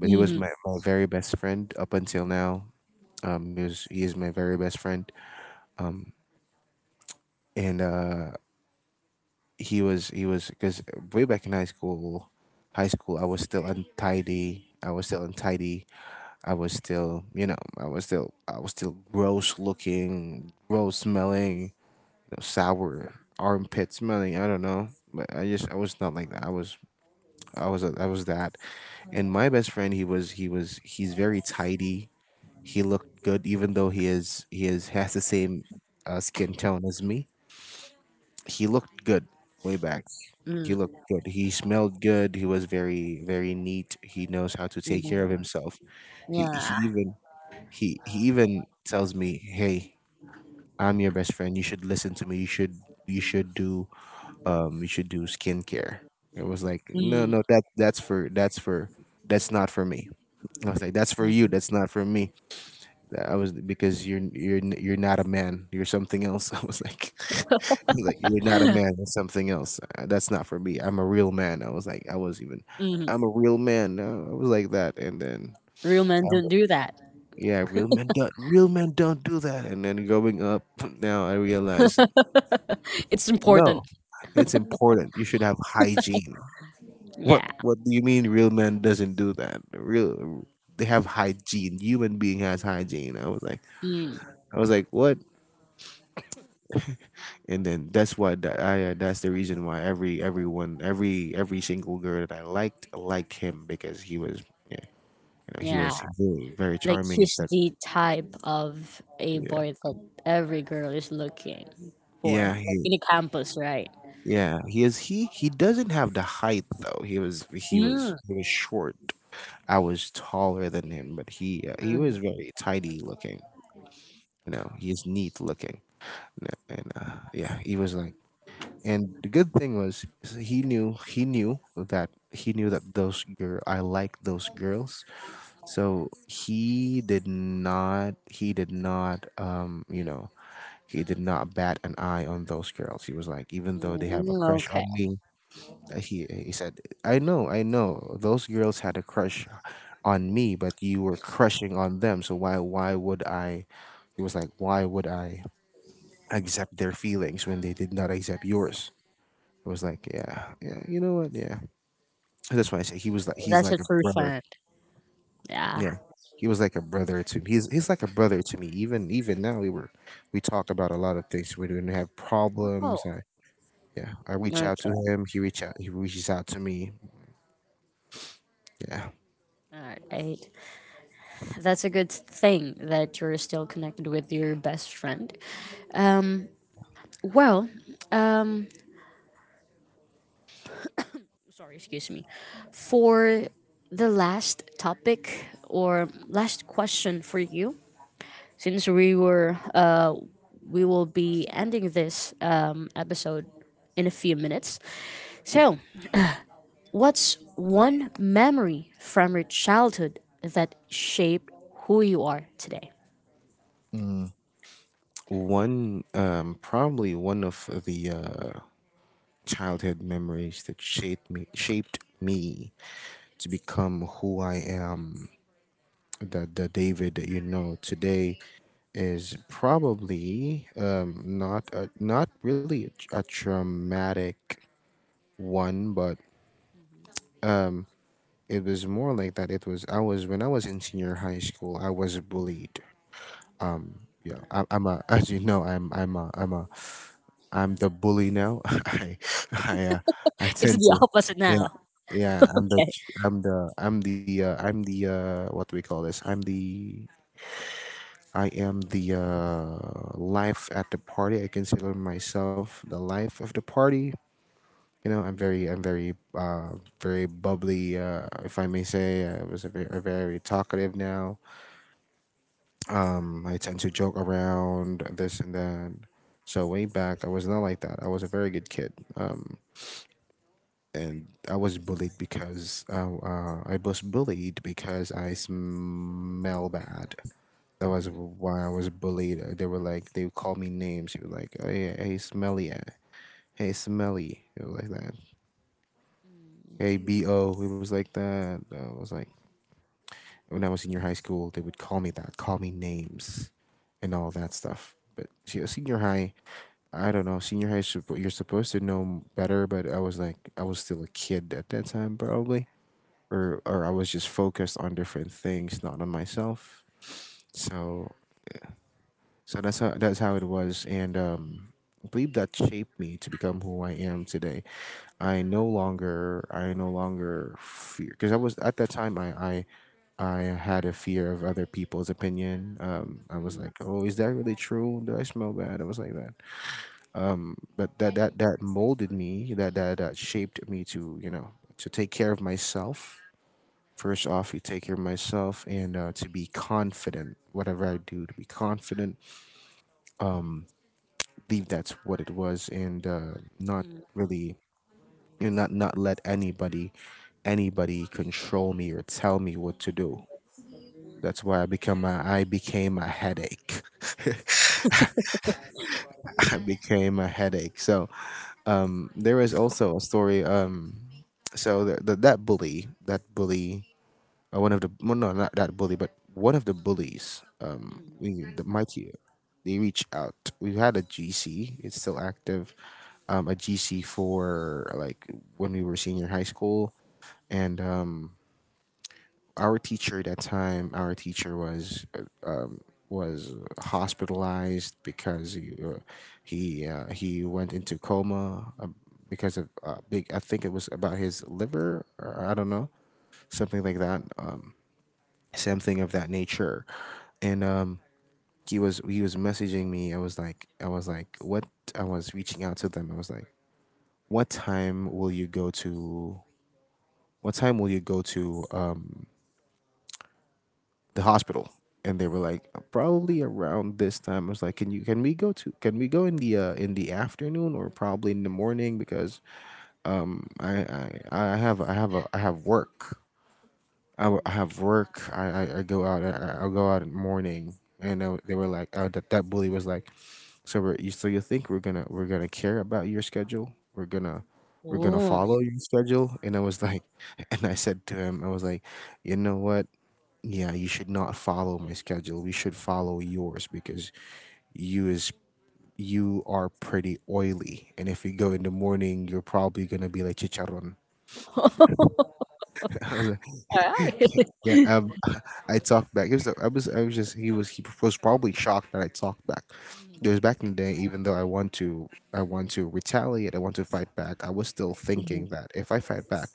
B: but he was
A: Hmm.
B: my, my very best friend up until now. Um, he was he is my very best friend, and uh, he was he was because way back in high school, high school I was still untidy. I was still untidy I was still, you know, I was still, I was still gross looking, gross smelling, you know, sour armpit smelling. I don't know, but I just, I was not like that. I was, I was, I was that. And my best friend, he was, he was, he's very tidy. He looked good, even though he is, he is has the same uh, skin tone as me. He looked good way back. He looked
A: Mm.
B: good. He smelled good. He was very, very neat. He knows how to take care of
A: Mm.
B: himself. He,
A: Yeah.
B: he even he he even tells me, "Hey, I'm your best friend. You should listen to me. You should you should do um you should do skincare." It was like, "No,
A: Mm.
B: no, that that's for that's for that's not for me." I was like, "That's for you.
A: Mm.
B: That's not for me." I was, because you're you're you're not a man. You're something else. I was like, he's like, you're not a man. That's something else. Uh, That's not for me. I'm a real man. I was like, I was even,
A: Mm.
B: I'm a real man. Uh, I was like that, and then
A: Real men
B: I,
A: don't do that.
B: yeah, real men don't real men don't do that. And then growing up, now I realize
A: It's important.
B: no, it's important. You should have hygiene.
A: Yeah.
B: What what do you mean real men doesn't do that? Real, they have hygiene. Human being has hygiene. I was like
A: Mm,
B: I was like what? And then that's why that I uh, that's the reason why every everyone every every single girl that I liked liked him, because he was, yeah, you know, he
A: yeah,
B: was very, very
A: like
B: charming at
A: he's
B: that.
A: the type of a
B: Yeah.
A: boy that every girl is looking for,
B: Yeah,
A: like
B: he.
A: in the campus, right?
B: Yeah, he is. He he doesn't have the height though. He was he was
A: Mm,
B: he was short. I was taller than him, but he uh, he
A: mm,
B: was very tidy looking. You know, he is neat looking. You know. And uh, yeah, he was like. And the good thing was, is he knew he knew that he knew that those girl, I like those girls. So he did not he did not um you know he did not bat an eye on those girls. He was like, even though they have a
A: mm,
B: crush on
A: okay,
B: me, Uh, He he said, "I know, I know. Those girls had a crush on me, but you were crushing on them. So why why would I?" He was like, "Why would I accept their feelings when they did not accept yours?" I was like, "Yeah, yeah. You know what? Yeah." That's why I say he was like he's
A: that's a
B: like a
A: true
B: brother.
A: friend. Yeah.
B: Yeah, he was like a brother to me. He's he's like a brother to me. Even even now we were we talk about a lot of things. We don't have
A: Oh,
B: problems. I, yeah, I reach
A: okay.
B: out to him. He reach out. He reaches out to me. Yeah.
A: All right. That's a good thing that you're still connected with your best friend. Um. Well. Um. Sorry. Excuse me. For the last topic or last question for you, since we were uh, we will be ending this um, episode in a few minutes. So, what's one memory from your childhood that shaped who you are today?
B: Mm. One, um, probably one of the uh, childhood memories that shaped me shaped me to become who I am. the the David that you know today is probably um, not a, not really a, a traumatic one, but it was more like that. It was, I was when I was in senior high school, I was bullied. Yeah, I, I'm a as you know, I'm I'm a I'm a I'm the bully now. I I uh, I
A: It's
B: tend
A: the
B: to.
A: opposite
B: Yeah,
A: now.
B: yeah, I'm the
A: Okay.
B: ch- I'm the I'm the uh, I'm the uh, what do we call this? I'm the I am the uh, life at the party. I consider myself the life of the party. You know, I'm very, I'm very, uh, very bubbly, uh, if I may say. I was a very, a very talkative now. Um, I tend to joke around this and that. So way back, I was not like that. I was a very good kid. Um, and I was bullied because uh, uh, I was bullied because I smell bad. That was
A: Mhm.
B: why I was bullied. Uh, They were like, they would call me names. He was like, "Hey, hey, smelly, uh, hey, smelly," it was like that. Hey,
A: Mm,
B: bo, it was like that. I was like, when I was in your high school, they would call me that, call me names, and all that stuff. But se- senior high, I don't know. Senior high, suppo- you're supposed to know better, but I was like, I was still a kid at that time, probably, or or I was just focused on different things, not on myself. So so that's how that's how it was, and um, I believe that shaped me to become who I am today. I no longer I no longer fear, because I was at that time, I. I I had a fear of other people's opinion. Um, I was
A: mm,
B: like, "Oh, is that really true? Do I smell bad?" I was like that, but that that that molded me. That that that shaped me to you know to take care of myself. First off, you take care of myself, and uh, to be confident, whatever I do, to be confident. Believe that's what it was, and uh, not
A: mm,
B: really, you know, not not let anybody, anybody control me or tell me what to do. That's why I become a, I became a headache. I became a headache. So um, there is also a story. Um, so th- th- that bully, that bully uh, one of the, well, no, not that bully, but one of the bullies, um,
A: mm.
B: we, the mighty, they reach out. We had a G C. It's still active. Um, a G C for like when we were senior high school. And um, our teacher at that time, our teacher was uh, um, was hospitalized, because he uh, he uh, he went into coma, um, because of uh, big, I think it was about his liver, or I don't know, something like that. Um, something of that nature. And um, he was he was messaging me. I was like i was like what? I was reaching out to them. I was like, what time will you go to, what time will you go to um the hospital? And they were like, probably around this time. I was like, can you can we go to, can we go in the uh, in the afternoon, or probably in the morning, because um, I I I have I have a I have work. I, w- I
A: Mm.
B: have work. I, I, I go out. I, I- I'll go out in the morning." And they, were- they were like, uh, "That that bully was like, so we're, you so you think we're gonna we're gonna care about your schedule? We're gonna we're gonna
A: Ooh.
B: follow your schedule?" And I was like, and I said to him, I was like, "You know what? Yeah, you should not follow my schedule. We should follow yours because you is. You are pretty oily, and if you go in the morning, you're probably gonna be like chicharron."
A: All
B: Yeah,
A: right.
B: um, I talked back. It was, I was, I was just, he was, He was probably shocked that I talked back. Because back in the day, even though I want to, I want to retaliate, I want to fight back. I was still thinking that if I fight back,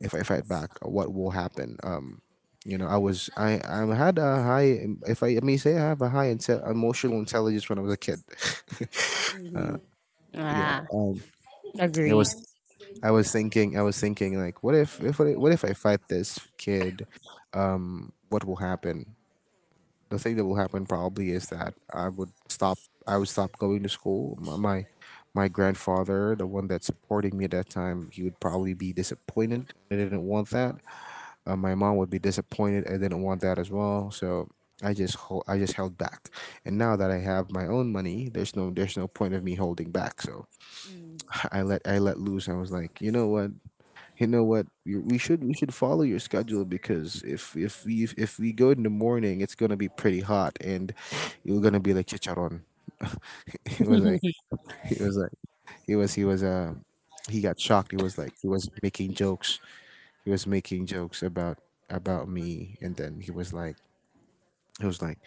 B: if I fight back, what will happen? Um, you know, I was, I, I had a high, if I, I may say, I have a high inte- emotional intelligence when I was a kid. Yeah,
A: Ah,
B: um, it
A: agree.
B: was, I was thinking, I was thinking, like, what if, if, what if I fight this kid? What will happen? The thing that will happen probably is that I would stop. I would stop going to school. My my, my grandfather, the one that's supporting me at that time, he would probably be disappointed. I didn't want that. Uh, my mom would be disappointed. I didn't want that as well. So I just hold, I just held back. And now that I have my own money, there's no there's no point of me holding back. So
A: Mm.
B: I let I let loose. I was like, you know what? You know what? You- We should we should follow your schedule, because if if we if we go in the morning, it's gonna be pretty hot, and you're gonna be like chicharron. he was like he was like he was he was uh he got shocked. He was like he was making jokes. He was making jokes about about me, and then he was like he was like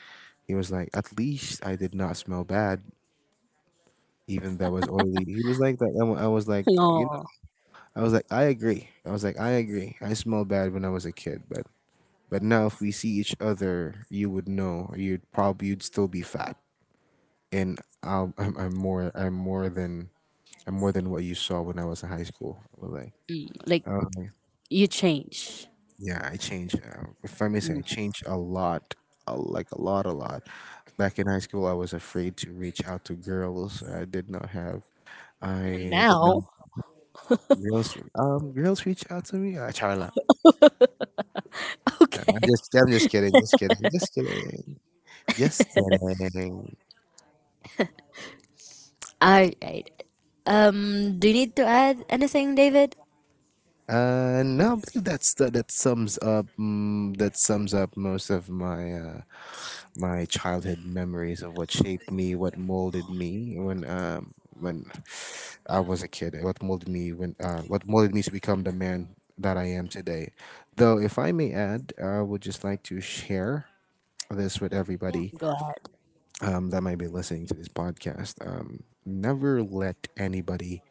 B: he was like, at least I did not smell bad, even though I was oily. He was like that. And I was like, uh, you know,
A: No.
B: I was like, I agree. I was like, I agree. I smelled bad when I was a kid, but But now, if we see each other, you would know. Or You'd probably, you'd still be fat, and I'll, I'm I'm more I'm more than I'm more than what you saw when I was in high school. Like,
A: Mm, like
B: um,
A: you change.
B: yeah, I changed. Uh, if I may say,
A: Mm.
B: I changed a lot, a, like a lot, a lot. Back in high school, I was afraid to reach out to girls. I did not have.
A: And
B: I did not.
A: now,
B: Girls, um, girls reach out to me. I try not.
A: okay.
B: I'm just, I'm just kidding, just kidding, just kidding, just kidding.
A: All right. Um, do you need to add anything, David?
B: Uh, no, I believe that's the, that sums up mm, that sums up most of my uh, my childhood memories of what shaped me, what molded me when um when I was a kid, what molded me when uh, what molded me to become the man that I am today. Though, if I may add, I would just like to share this with
A: Yeah,
B: everybody,
A: go ahead.
B: um, that might be listening to this podcast. Um, never let anybody,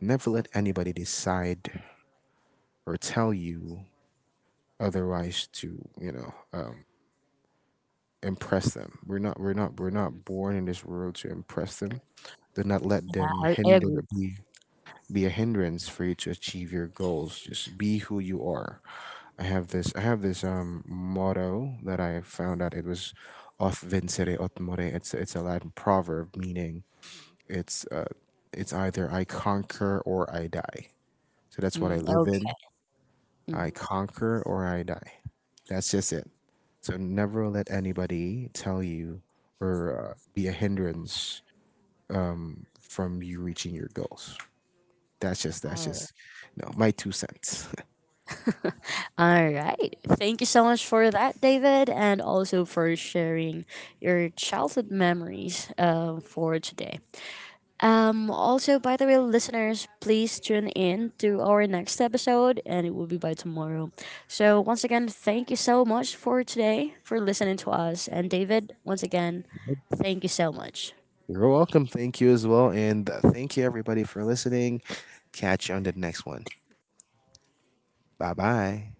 B: never let anybody decide or tell you otherwise, to you know um, impress them. We're not we're not we're
A: Mm,
B: not born in this world to impress them. Do not let them
A: I, I
B: hinder,
A: agree.
B: be be a hindrance for you to achieve your goals. Just be who you are. I have this I have this um motto that I found out. It was off vincere ot more. It's it's a Latin proverb meaning,
A: Mhm.
B: it's uh it's either I conquer or I die. So that's what I
A: Mm,
B: live in.
A: okay. Mm.
B: I conquer or I die. That's just it. So never let anybody tell you or, uh, be a hindrance from you reaching your goals. That's just, that's
A: Oh.
B: just, no, my two cents.
A: All right. Thank you so much for that, David, and also for sharing your childhood memories uh, for today. Um, also, by the way, listeners, please tune in to our next episode, and it will be by tomorrow. So, once again, thank you so much for today, for listening to us. And, David, once again, thank you so much.
B: You're welcome. Thank you as well, and uh, thank you everybody for listening. Catch you on the next one. Bye bye.